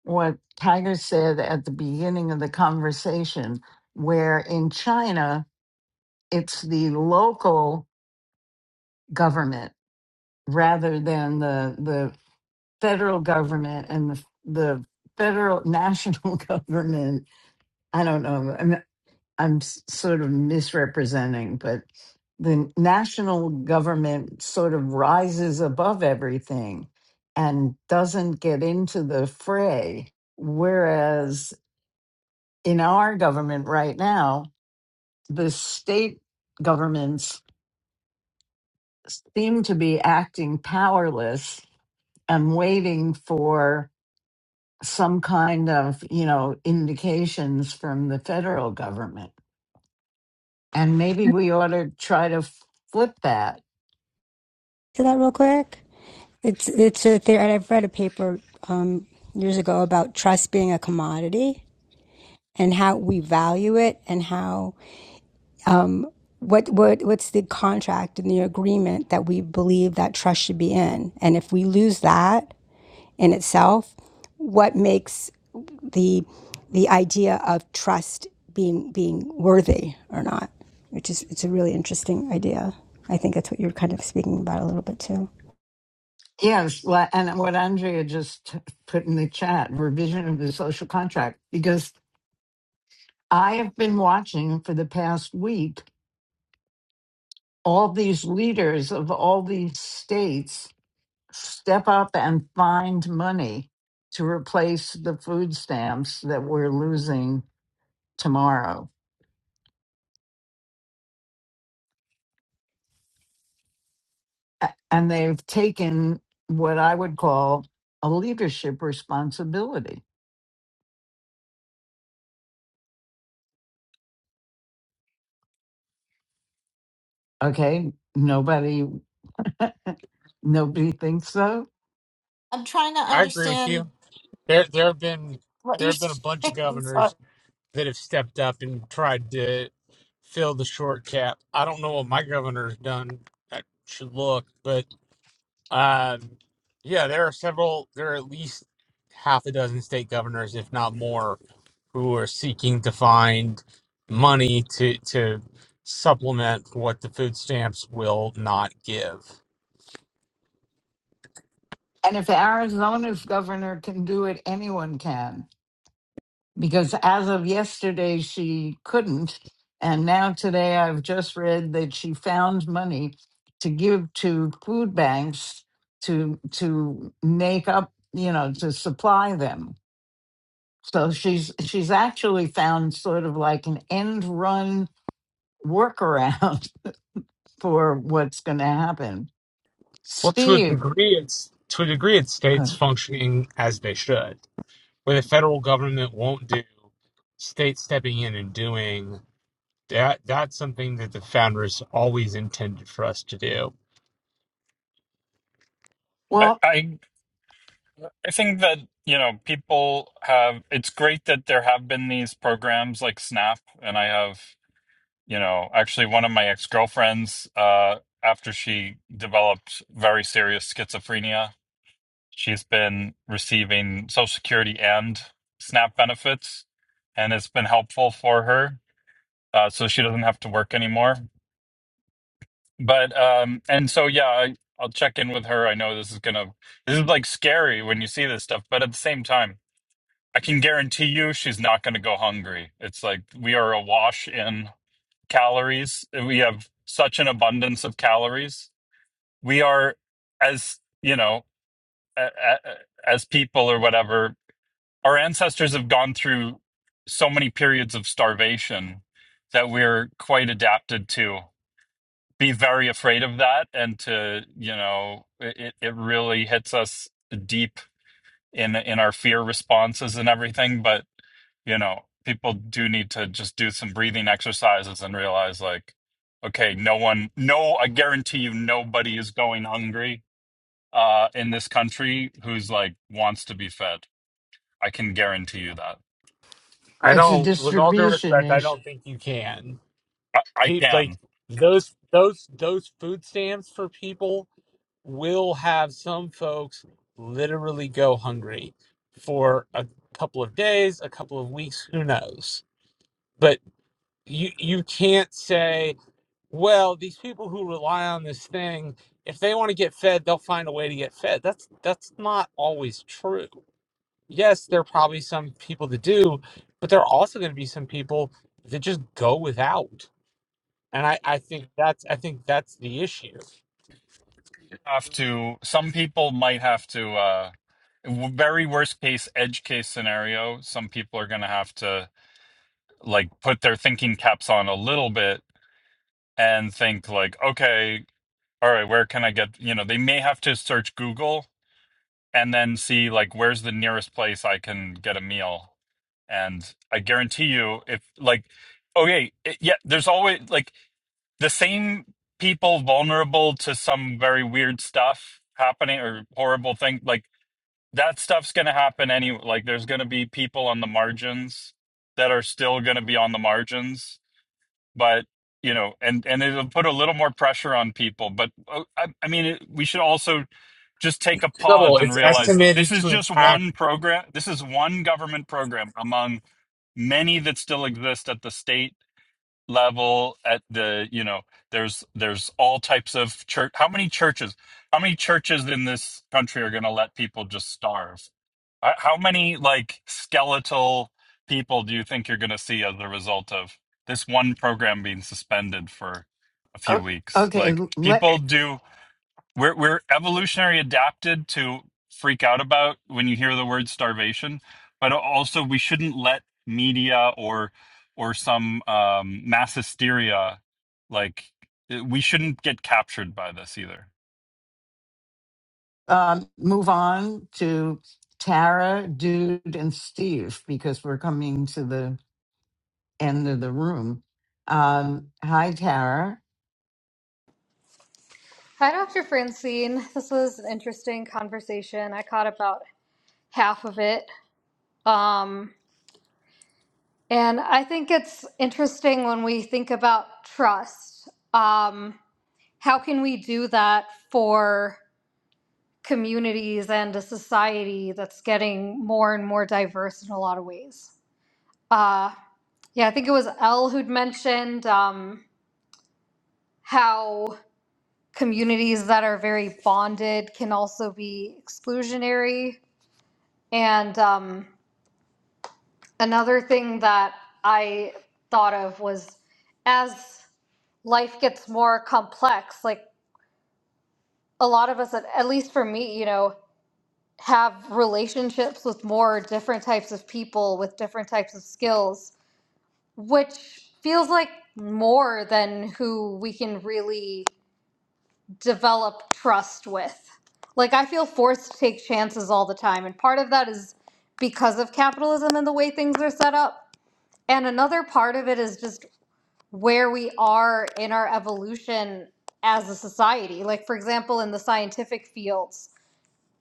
[SPEAKER 1] what Tiger said at the beginning of the conversation, where in China, it's the local government rather than the, the federal government and the, the federal national government I don't know. I'm s- sort of misrepresenting, but the national government sort of rises above everything and doesn't get into the fray. Whereas in our government right now, the state governments seem to be acting powerless and waiting for some kind of, you know, indications from the federal government. And maybe we ought to try to flip that
[SPEAKER 6] to that real quick? It's it's a theory. I've read a paper um, years ago about trust being a commodity and how we value it and how what what what's the contract and the agreement that we believe that trust should be in and if we lose that in itself what makes the the idea of trust being being worthy or not which is it's a really interesting idea i think that's what you're kind of speaking about a little bit too
[SPEAKER 1] Yes, well, and what Andrea just put in the chat, revision of the social contract, because I have been watching for the past week all these leaders of all these states step up and find money to replace the food stamps that we're losing tomorrow. A- And they've taken what I would call a leadership responsibility. Okay, nobody nobody thinks so
[SPEAKER 10] I'm trying to
[SPEAKER 11] I agree with
[SPEAKER 10] understand
[SPEAKER 11] you. There, there have been
[SPEAKER 10] what
[SPEAKER 11] there
[SPEAKER 10] you're
[SPEAKER 11] have been a bunch of
[SPEAKER 10] saying. Sorry.
[SPEAKER 11] governors that have stepped up and tried to fill the short cap. I don't know what my governor's done. I should look, but um, yeah, there are several. There are at least half a dozen state governors, if not more, who are seeking to find money to to supplement what the food stamps will not give.
[SPEAKER 1] And if Arizona's governor can do it, anyone can. Because as of yesterday, she couldn't. And now today, I've just read that she found money to give to food banks to to make up, you know, to supply them. So she's she's actually found sort of like an end run workaround for what's going to happen.
[SPEAKER 11] Well, to a
[SPEAKER 1] Steve,
[SPEAKER 11] degree, it's to a degree, it's states
[SPEAKER 1] good.
[SPEAKER 11] functioning as they should where the federal government won't do states stepping in and doing that that's something that the founders always intended for us to do
[SPEAKER 9] I,
[SPEAKER 1] well,
[SPEAKER 9] I I think that you know people have it's great that there have been these programs like SNAP and I have you know actually one of my ex-girlfriends uh after she developed very serious schizophrenia She's been receiving Social Security and SNAP benefits, and it's been helpful for her. Uh, so she doesn't have to work anymore. But um, and so yeah, I, I'll check in with her. I know this is gonna this is like scary when you see this stuff, but at the same time, I can guarantee you she's not gonna go hungry. It's like we are awash in calories. We have such an abundance of calories. We are as you know a- a- as people or whatever our ancestors have gone through so many periods of starvation that we're quite adapted to be very afraid of that and to you know it, it really hits us deep in in our fear responses and everything but you know people do need to just do some breathing exercises and realize like okay no one no i guarantee you nobody is going hungry uh in this country who's like wants to be fed i can guarantee you that
[SPEAKER 11] i
[SPEAKER 1] it's a
[SPEAKER 11] don't with all due
[SPEAKER 1] distribution
[SPEAKER 11] respect i
[SPEAKER 1] issue.
[SPEAKER 11] don't think you can
[SPEAKER 9] i, I
[SPEAKER 11] Pe-
[SPEAKER 9] can
[SPEAKER 11] like those those those food stamps for people will have some folks literally go hungry for a couple of days a couple of weeks who knows but you you can't say well, these people who rely on this thing, if they want to get fed, they'll find a way to get fed. That's that's not always true. Yes, there are probably some people that do, but there are also going to be some people that just go without. And I, I think that's I think that's the issue.
[SPEAKER 9] have to some people might have to uh w- very worst case edge case scenario some people are going to have to like put their thinking caps on a little bit and think like okay all right where can i get you know they may have to search google and then see like where's the nearest place i can get a meal and i guarantee you if like okay it, yeah there's always like the same people vulnerable to some very weird stuff happening or horrible thing like that stuff's going to happen anyway. Like, there's going to be people on the margins that are still going to be on the margins, but you know, and and it'll put a little more pressure on people. But uh, I, I mean, it, we should also just take a
[SPEAKER 11] Double,
[SPEAKER 9] pause and
[SPEAKER 11] it's
[SPEAKER 9] realize
[SPEAKER 11] estimated
[SPEAKER 9] this is
[SPEAKER 11] to
[SPEAKER 9] just
[SPEAKER 11] impact
[SPEAKER 9] one program. This is one government program among many that still exist at the state level at the you know there's there's all types of church how many churches how many churches in this country are going to let people just starve Uh, how many like skeletal people do you think you're going to see as a result of this one program being suspended for a few
[SPEAKER 1] O-
[SPEAKER 9] weeks
[SPEAKER 1] Okay,
[SPEAKER 9] like
[SPEAKER 1] l- let
[SPEAKER 9] people do we're we're evolutionary adapted to freak out about when you hear the word starvation, but also we shouldn't let media or or some um, mass hysteria like we shouldn't get captured by this either.
[SPEAKER 1] um, move on to Tara, Dude, and Steve because we're coming to the end of the room. Um, hi, Tara.
[SPEAKER 12] Hi, Dr. Francine. This was an interesting conversation. I caught about half of it. Um, and I think it's interesting when we think about trust. Um, how can we do that for communities and a society that's getting more and more diverse in a lot of ways? Uh, yeah, I think it was Elle who'd mentioned um, how communities that are very bonded can also be exclusionary And um, another thing that I thought of was as life gets more complex, like a lot of us, at at least for me, you know, have relationships with more different types of people with different types of skills, which feels like more than who we can really develop trust with. Like, I feel forced to take chances all the time. And part of that is because of capitalism and the way things are set up And another part of it is just where we are in our evolution as a society. Like, for example, in the scientific fields,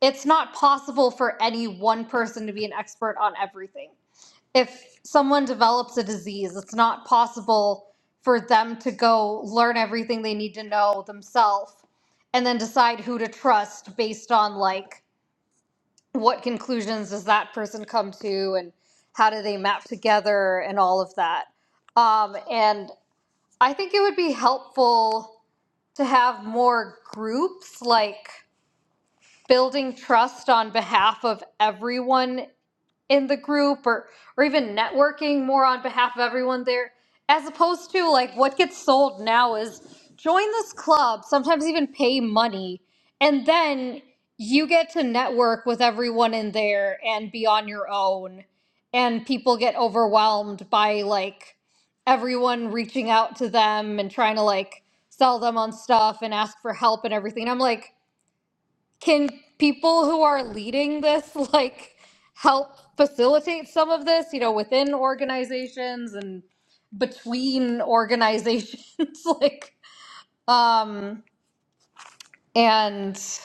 [SPEAKER 12] it's not possible for any one person to be an expert on everything. If someone develops a disease, it's not possible for them to go learn everything they need to know themselves and then decide who to trust based on like what conclusions does that person come to and how do they map together and all of that um, and i think it would be helpful to have more groups like building trust on behalf of everyone in the group or or even networking more on behalf of everyone there as opposed to like what gets sold now is join this club sometimes even pay money and then you get to network with everyone in there and be on your own and people get overwhelmed by like everyone reaching out to them and trying to like sell them on stuff and ask for help and everything And i'm like can people who are leading this like help facilitate some of this you know within organizations and between organizations like um and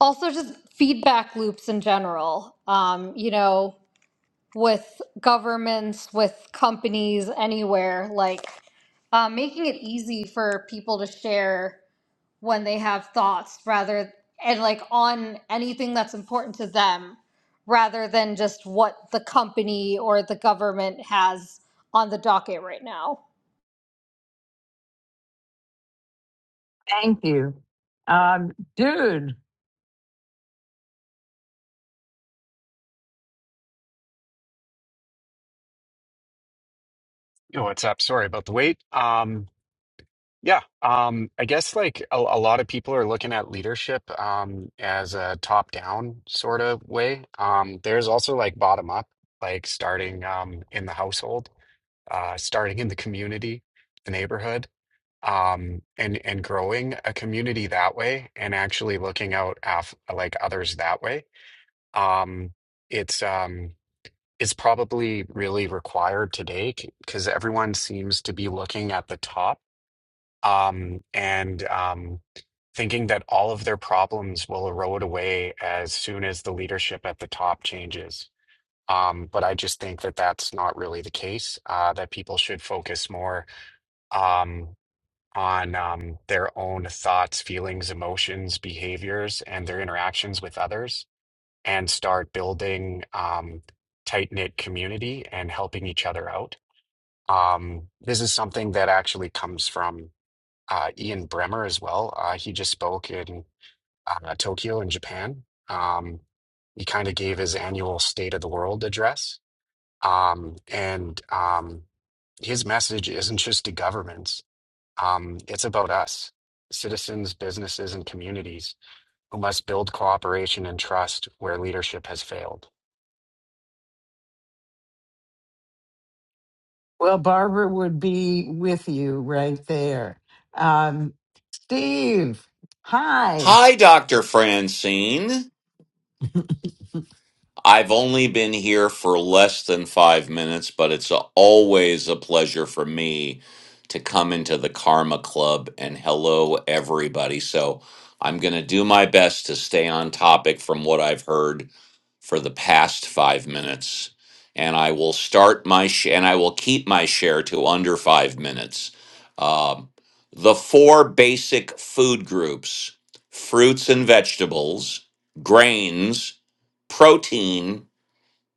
[SPEAKER 12] also just feedback loops in general um you know with governments with companies anywhere like uh, making it easy for people to share when they have thoughts rather and like on anything that's important to them rather than just what the company or the government has on the docket right now.
[SPEAKER 1] Thank you, um, Dude.
[SPEAKER 13] Yo, what's up? Sorry about the wait. Um, yeah, um, I guess like a, a lot of people are looking at leadership um, as a top-down sort of way. Um, there's also like bottom-up, like starting um, in the household, uh, starting in the community, the neighborhood, um, and and growing a community that way, and actually looking out af like others that way. Um, it's um, is probably really required today because everyone seems to be looking at the top um, and um, thinking that all of their problems will erode away as soon as the leadership at the top changes. Um, but I just think that that's not really the case, uh, that people should focus more um, on um, their own thoughts, feelings, emotions, behaviors, and their interactions with others and start building um, tight-knit community and helping each other out. Um, this is something that actually comes from uh, Ian Bremmer as well. Uh, he just spoke in uh, Tokyo in Japan. Um, he kind of gave his annual State of the World address. Um, and um, his message isn't just to governments, um, it's about us, citizens, businesses, and communities who must build cooperation and trust where leadership has failed.
[SPEAKER 1] Well, Barbara would be with you right there. Um, Steve, hi.
[SPEAKER 14] Hi, Dr. Francine. I've only been here for less than five minutes, but it's a- always a pleasure for me to come into the Karma Club and hello, everybody. So I'm going to do my best to stay on topic from what I've heard for the past five minutes, and I will start my sh- and I will keep my share to under five minutes. Um, the four basic food groups: fruits and vegetables, grains, protein,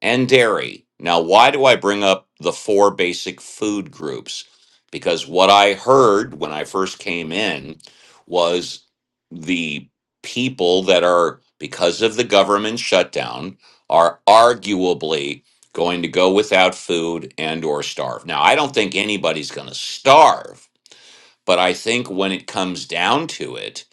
[SPEAKER 14] and dairy. Now, why do I bring up the four basic food groups? Because what I heard when I first came in was the people that are, because of the government shutdown, are arguably going to go without food and or starve. Now, I don't think anybody's going to starve, but I think when it comes down to it,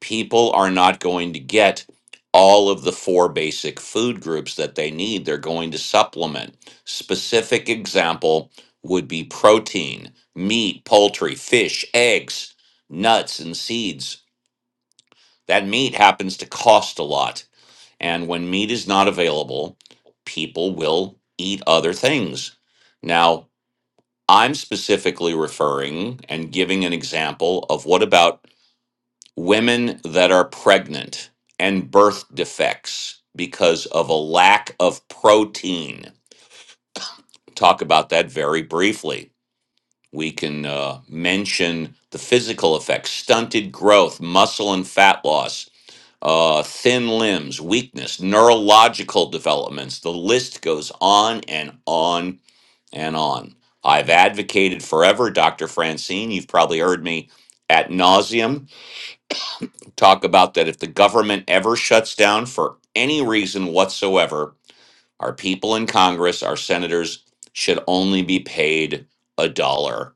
[SPEAKER 14] people are not going to get all of the four basic food groups that they need. They're going to supplement. Specific example would be protein, meat, poultry, fish, eggs, nuts, and seeds. That meat happens to cost a lot. And when meat is not available, people will eat other things. Now, I'm specifically referring and giving an example of what about women that are pregnant and birth defects because of a lack of protein. Talk about that very briefly. We can uh, mention the physical effects stunted growth, muscle and fat loss, uh, thin limbs, weakness, neurological developments. The list goes on and on and on. I've advocated forever, Dr. Francine. You've probably heard me at nauseum talk about that if the government ever shuts down for any reason whatsoever, our people in Congress, our senators, should only be paid a dollar.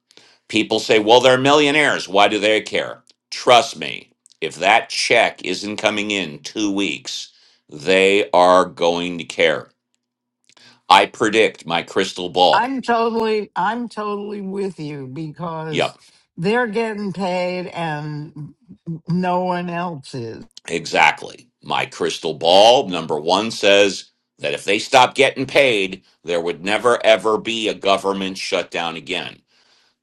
[SPEAKER 14] People say, well, they're millionaires. Why do they care? Trust me, if that check isn't coming in two weeks, they are going to care. I predict my crystal ball.
[SPEAKER 1] I'm totally, I'm totally with you
[SPEAKER 14] Yep.
[SPEAKER 1] because they're getting paid and no one else is.
[SPEAKER 14] Exactly. My crystal ball, number one, says that if they stop getting paid, there would never, ever be a government shutdown again.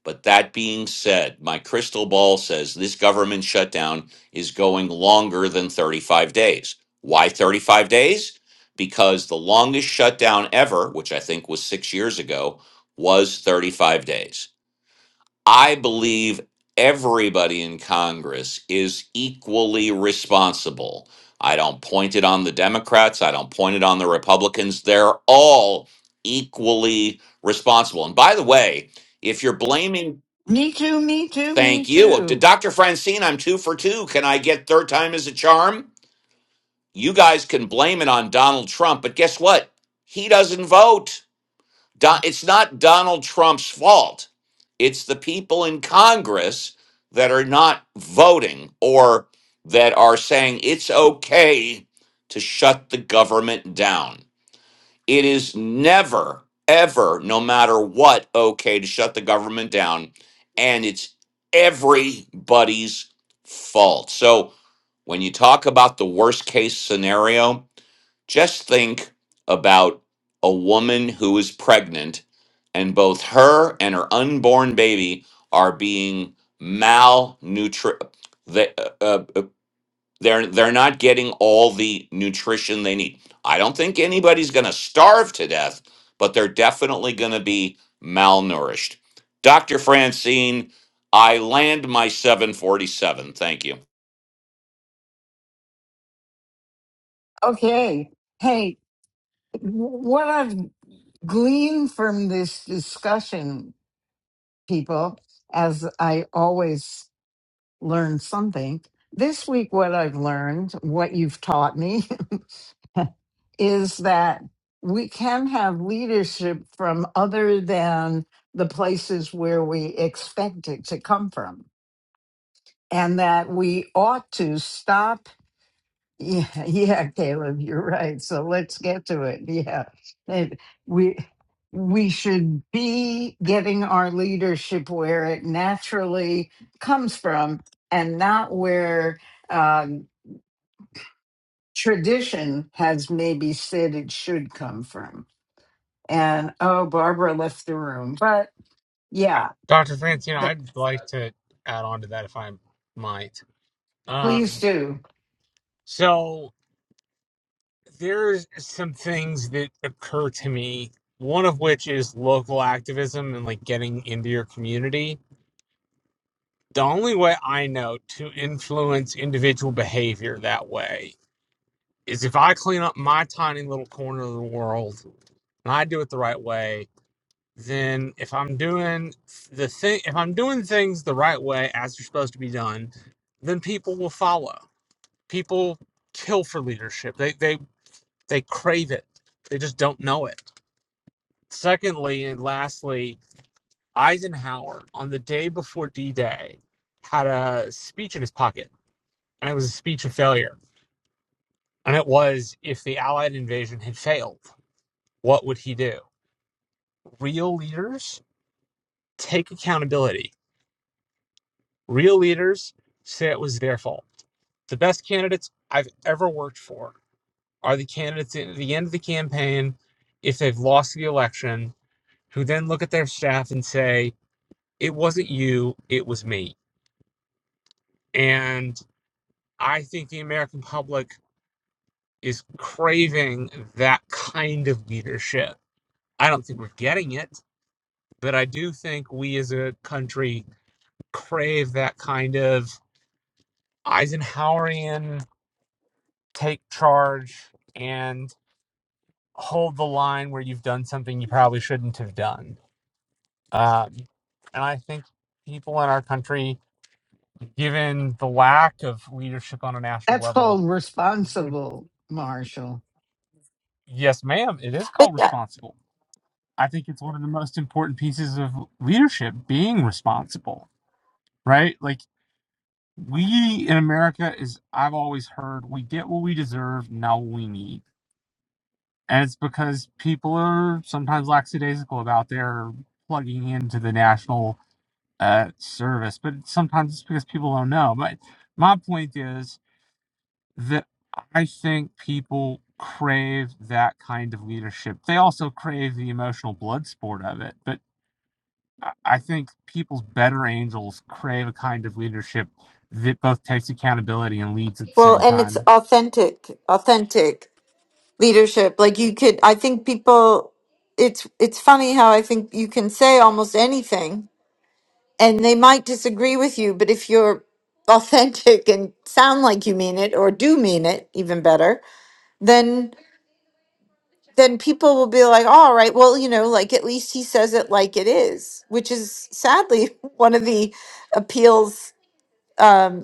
[SPEAKER 14] But that being said, my crystal ball says this government shutdown is going longer than 35 days. Why 35 days? Because the longest shutdown ever, which I think was six years ago, was 35 days. I believe everybody in Congress is equally responsible. I don't point it on the Democrats. I don't point it on the Republicans. They're all equally responsible. And by the way, if you're blaming,
[SPEAKER 1] Me too, me too, me
[SPEAKER 14] thank you,
[SPEAKER 1] too.
[SPEAKER 14] Dr. Francine, I'm two for two. Can I get third time as a charm? You guys can blame it on Donald Trump, but guess what? He doesn't vote. Don, it's not Donald Trump's fault. It's the people in Congress that are not voting or that are saying it's okay to shut the government down. It is never, ever, no matter what, okay to shut the government down. And it's everybody's fault. So when you talk about the worst case scenario, just think about a woman who is pregnant and both her and her unborn baby are being malnutri they, uh, uh, uh, they're they're not getting all the nutrition they need. I don't think anybody's going to starve to death, but they're definitely going to be malnourished. Dr. Francine, I land my 747. Thank you.
[SPEAKER 1] Okay. Hey, what I've gleaned from this discussion, people, as I always learn something, this week, what I've learned, what you've taught me, is that we can have leadership from other than the places where we expect it to come from. And that we ought to stop Yeah, yeah, Caleb, you're right. So let's get to it. Yeah. It- we we should be getting our leadership where it naturally comes from and not where um, tradition has maybe said it should come from. And oh, Barbara left the room. But yeah,
[SPEAKER 11] Dr. Francina,
[SPEAKER 1] th-
[SPEAKER 11] I'd like to add on to that if I might.
[SPEAKER 1] please
[SPEAKER 11] Um,
[SPEAKER 1] do.
[SPEAKER 11] so there's some things that occur to me one of which is local activism and like getting into your community the only way i know to influence individual behavior that way is if i clean up my tiny little corner of the world and i do it the right way then if i'm doing the thing if i'm doing things the right way as they're supposed to be done then people will follow people kill for leadership they they they crave it they just don't know it Secondly, and lastly, Eisenhower on the day before D Day had a speech in his pocket, and it was a speech of failure. And it was if the Allied invasion had failed, what would he do? Real leaders take accountability. Real leaders say it was their fault. The best candidates I've ever worked for are the candidates at the end of the campaign, if they've lost the election, who then look at their staff and say, It wasn't you, it was me. And I think the American public is craving that kind of leadership. I don't think we're getting it, but I do think we as a country crave that kind of Eisenhowerian take charge and hold the line where you've done something you probably shouldn't have done. Um, and I think people in our country, given the lack of leadership on a national
[SPEAKER 1] That's
[SPEAKER 11] level,
[SPEAKER 1] called
[SPEAKER 11] we're-
[SPEAKER 1] responsible, Marshall,
[SPEAKER 11] yes, ma'am, it is
[SPEAKER 10] But
[SPEAKER 11] called
[SPEAKER 10] yeah,
[SPEAKER 11] responsible. I think it's one of the most important pieces of leadership being responsible, right? Like we in America is I've always heard we get what we deserve, not what we need. And it's because people are sometimes lackadaisical about their plugging into the national uh, service, but sometimes it's because people don't know. But my point is that I think people crave that kind of leadership. They also crave the emotional blood sport of it, but I think people's better angels crave a kind of leadership that both takes accountability and leads at the
[SPEAKER 10] well,
[SPEAKER 11] same
[SPEAKER 10] and it's
[SPEAKER 11] time.
[SPEAKER 10] authentic, authentic leadership. Like you could, I think people. It's it's funny how I think you can say almost anything and they might disagree with you, but if you're authentic and sound like you mean it or do mean it even better, then then people will be like, "Oh, "All right, well, you know, like at least he says it like it is," which is sadly one of the appeals um,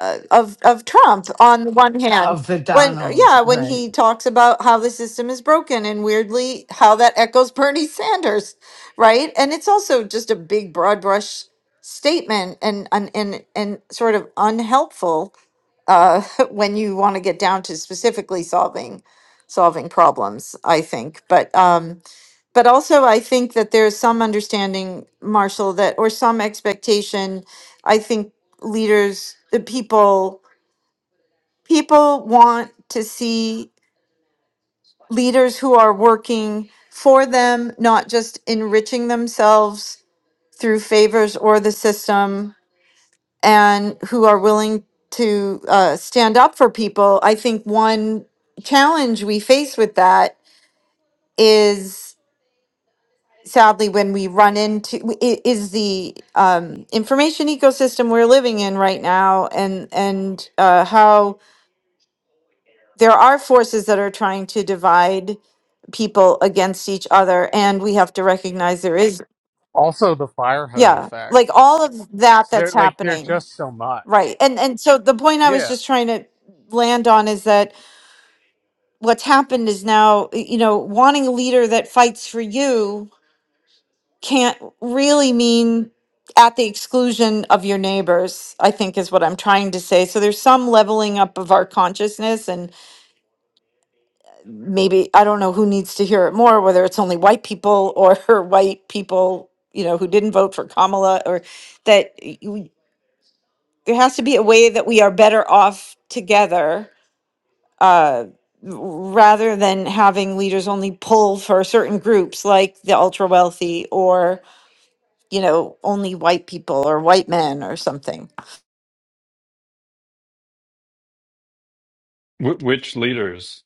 [SPEAKER 10] uh, of of Trump on the one hand
[SPEAKER 1] of the
[SPEAKER 10] when
[SPEAKER 1] Donald,
[SPEAKER 10] yeah when
[SPEAKER 1] right?
[SPEAKER 10] he talks about how the system is broken and weirdly how that echoes Bernie Sanders right and it's also just a big broad brush statement and and and, and sort of unhelpful uh, when you want to get down to specifically solving solving problems I think but um but also I think that there's some understanding Marshall that or some expectation I think leaders the people people want to see leaders who are working for them, not just enriching themselves through favors or the system, and who are willing to uh, stand up for people. I think one challenge we face with that is sadly when we run into i- is the um, information ecosystem we're living in right now and and uh, how there are forces that are trying to divide people against each other and we have to recognize there is
[SPEAKER 11] Also, the fire hose
[SPEAKER 10] yeah like
[SPEAKER 11] effect.
[SPEAKER 10] all of that
[SPEAKER 11] So they're
[SPEAKER 10] that's
[SPEAKER 11] like they're
[SPEAKER 10] happening
[SPEAKER 11] just so
[SPEAKER 10] right
[SPEAKER 11] much.
[SPEAKER 10] and and so the point i was
[SPEAKER 11] Yeah.
[SPEAKER 10] just trying to land on is that what's happened is now y- you know wanting a leader that fights for you can't really mean at the exclusion of your neighbors i think is what i'm trying to say so there's some leveling up of our consciousness maybe I don't know who needs to hear it more, whether it's only white people or white people, you know, who didn't vote for Kamala, or that y- we, there has to be a way that we are better off together uh, rather than having leaders only pull for certain groups like the ultra wealthy or, you know, only white people or white men or something.
[SPEAKER 9] Wh- which leaders?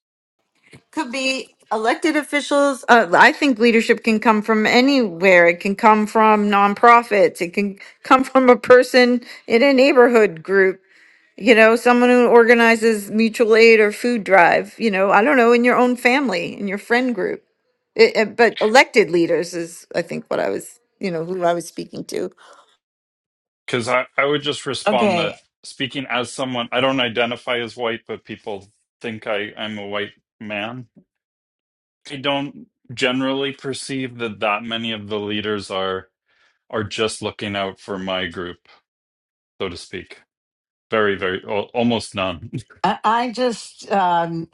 [SPEAKER 10] could be elected officials. Uh, I think leadership can come from anywhere. It can come from nonprofits. It can come from a person in a neighborhood group. You know, someone who organizes mutual aid or food drive. You know, I don't know, in your own family, in your friend group. It, it- but elected leaders is, I think, what I was, you know, who I was speaking to.
[SPEAKER 9] Because I, I would just respond
[SPEAKER 1] Okay.
[SPEAKER 9] that speaking as someone, I don't identify as white, but people think I, I'm a white man. I don't generally perceive that that many of the leaders are. are just looking out for my group, so to speak. Very, very, al- almost none.
[SPEAKER 1] I I just um,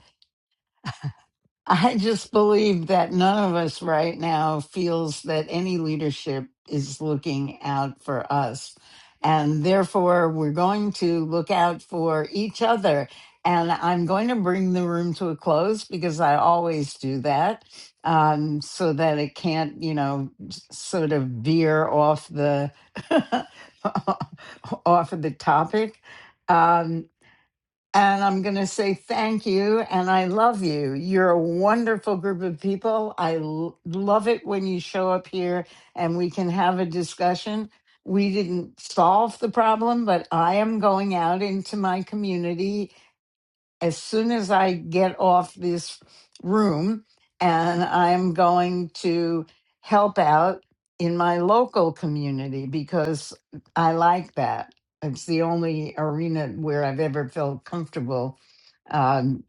[SPEAKER 1] I just believe that none of us right now feels that any leadership is looking out for us, and therefore we're going to look out for each other. And I'm going to bring the room to a close because I always do that, um, so that it can't, you know, s- sort of veer off the off of the topic. Um, and I'm going to say thank you and I love you. You're a wonderful group of people. I l- love it when you show up here and we can have a discussion. We didn't solve the problem, but I am going out into my community as soon as I get off this room, and I'm going to help out in my local community because I like that. It's the only arena where I've ever felt comfortable um,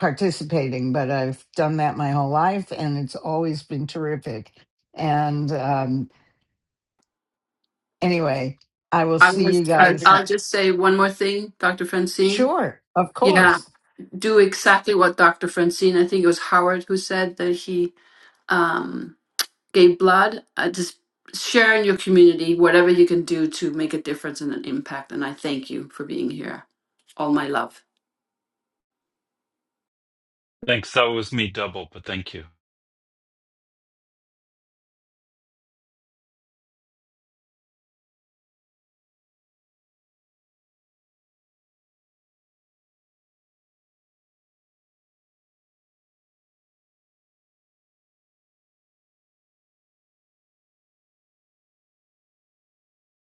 [SPEAKER 1] participating, but I've done that my whole life, and it's always been terrific. And um, anyway, I will
[SPEAKER 2] I
[SPEAKER 1] see
[SPEAKER 2] was,
[SPEAKER 1] you
[SPEAKER 2] I,
[SPEAKER 1] guys.
[SPEAKER 2] I'll just say one more thing, Dr. Francine.
[SPEAKER 1] Sure, of
[SPEAKER 2] Yeah,
[SPEAKER 1] course.
[SPEAKER 2] do exactly what Dr. Francine, I think it was Howard who said that he um, gave blood. Uh, just share in your community whatever you can do to make a difference and an impact. And I thank you for being here. All my love.
[SPEAKER 9] Thanks. That was me double, but thank you.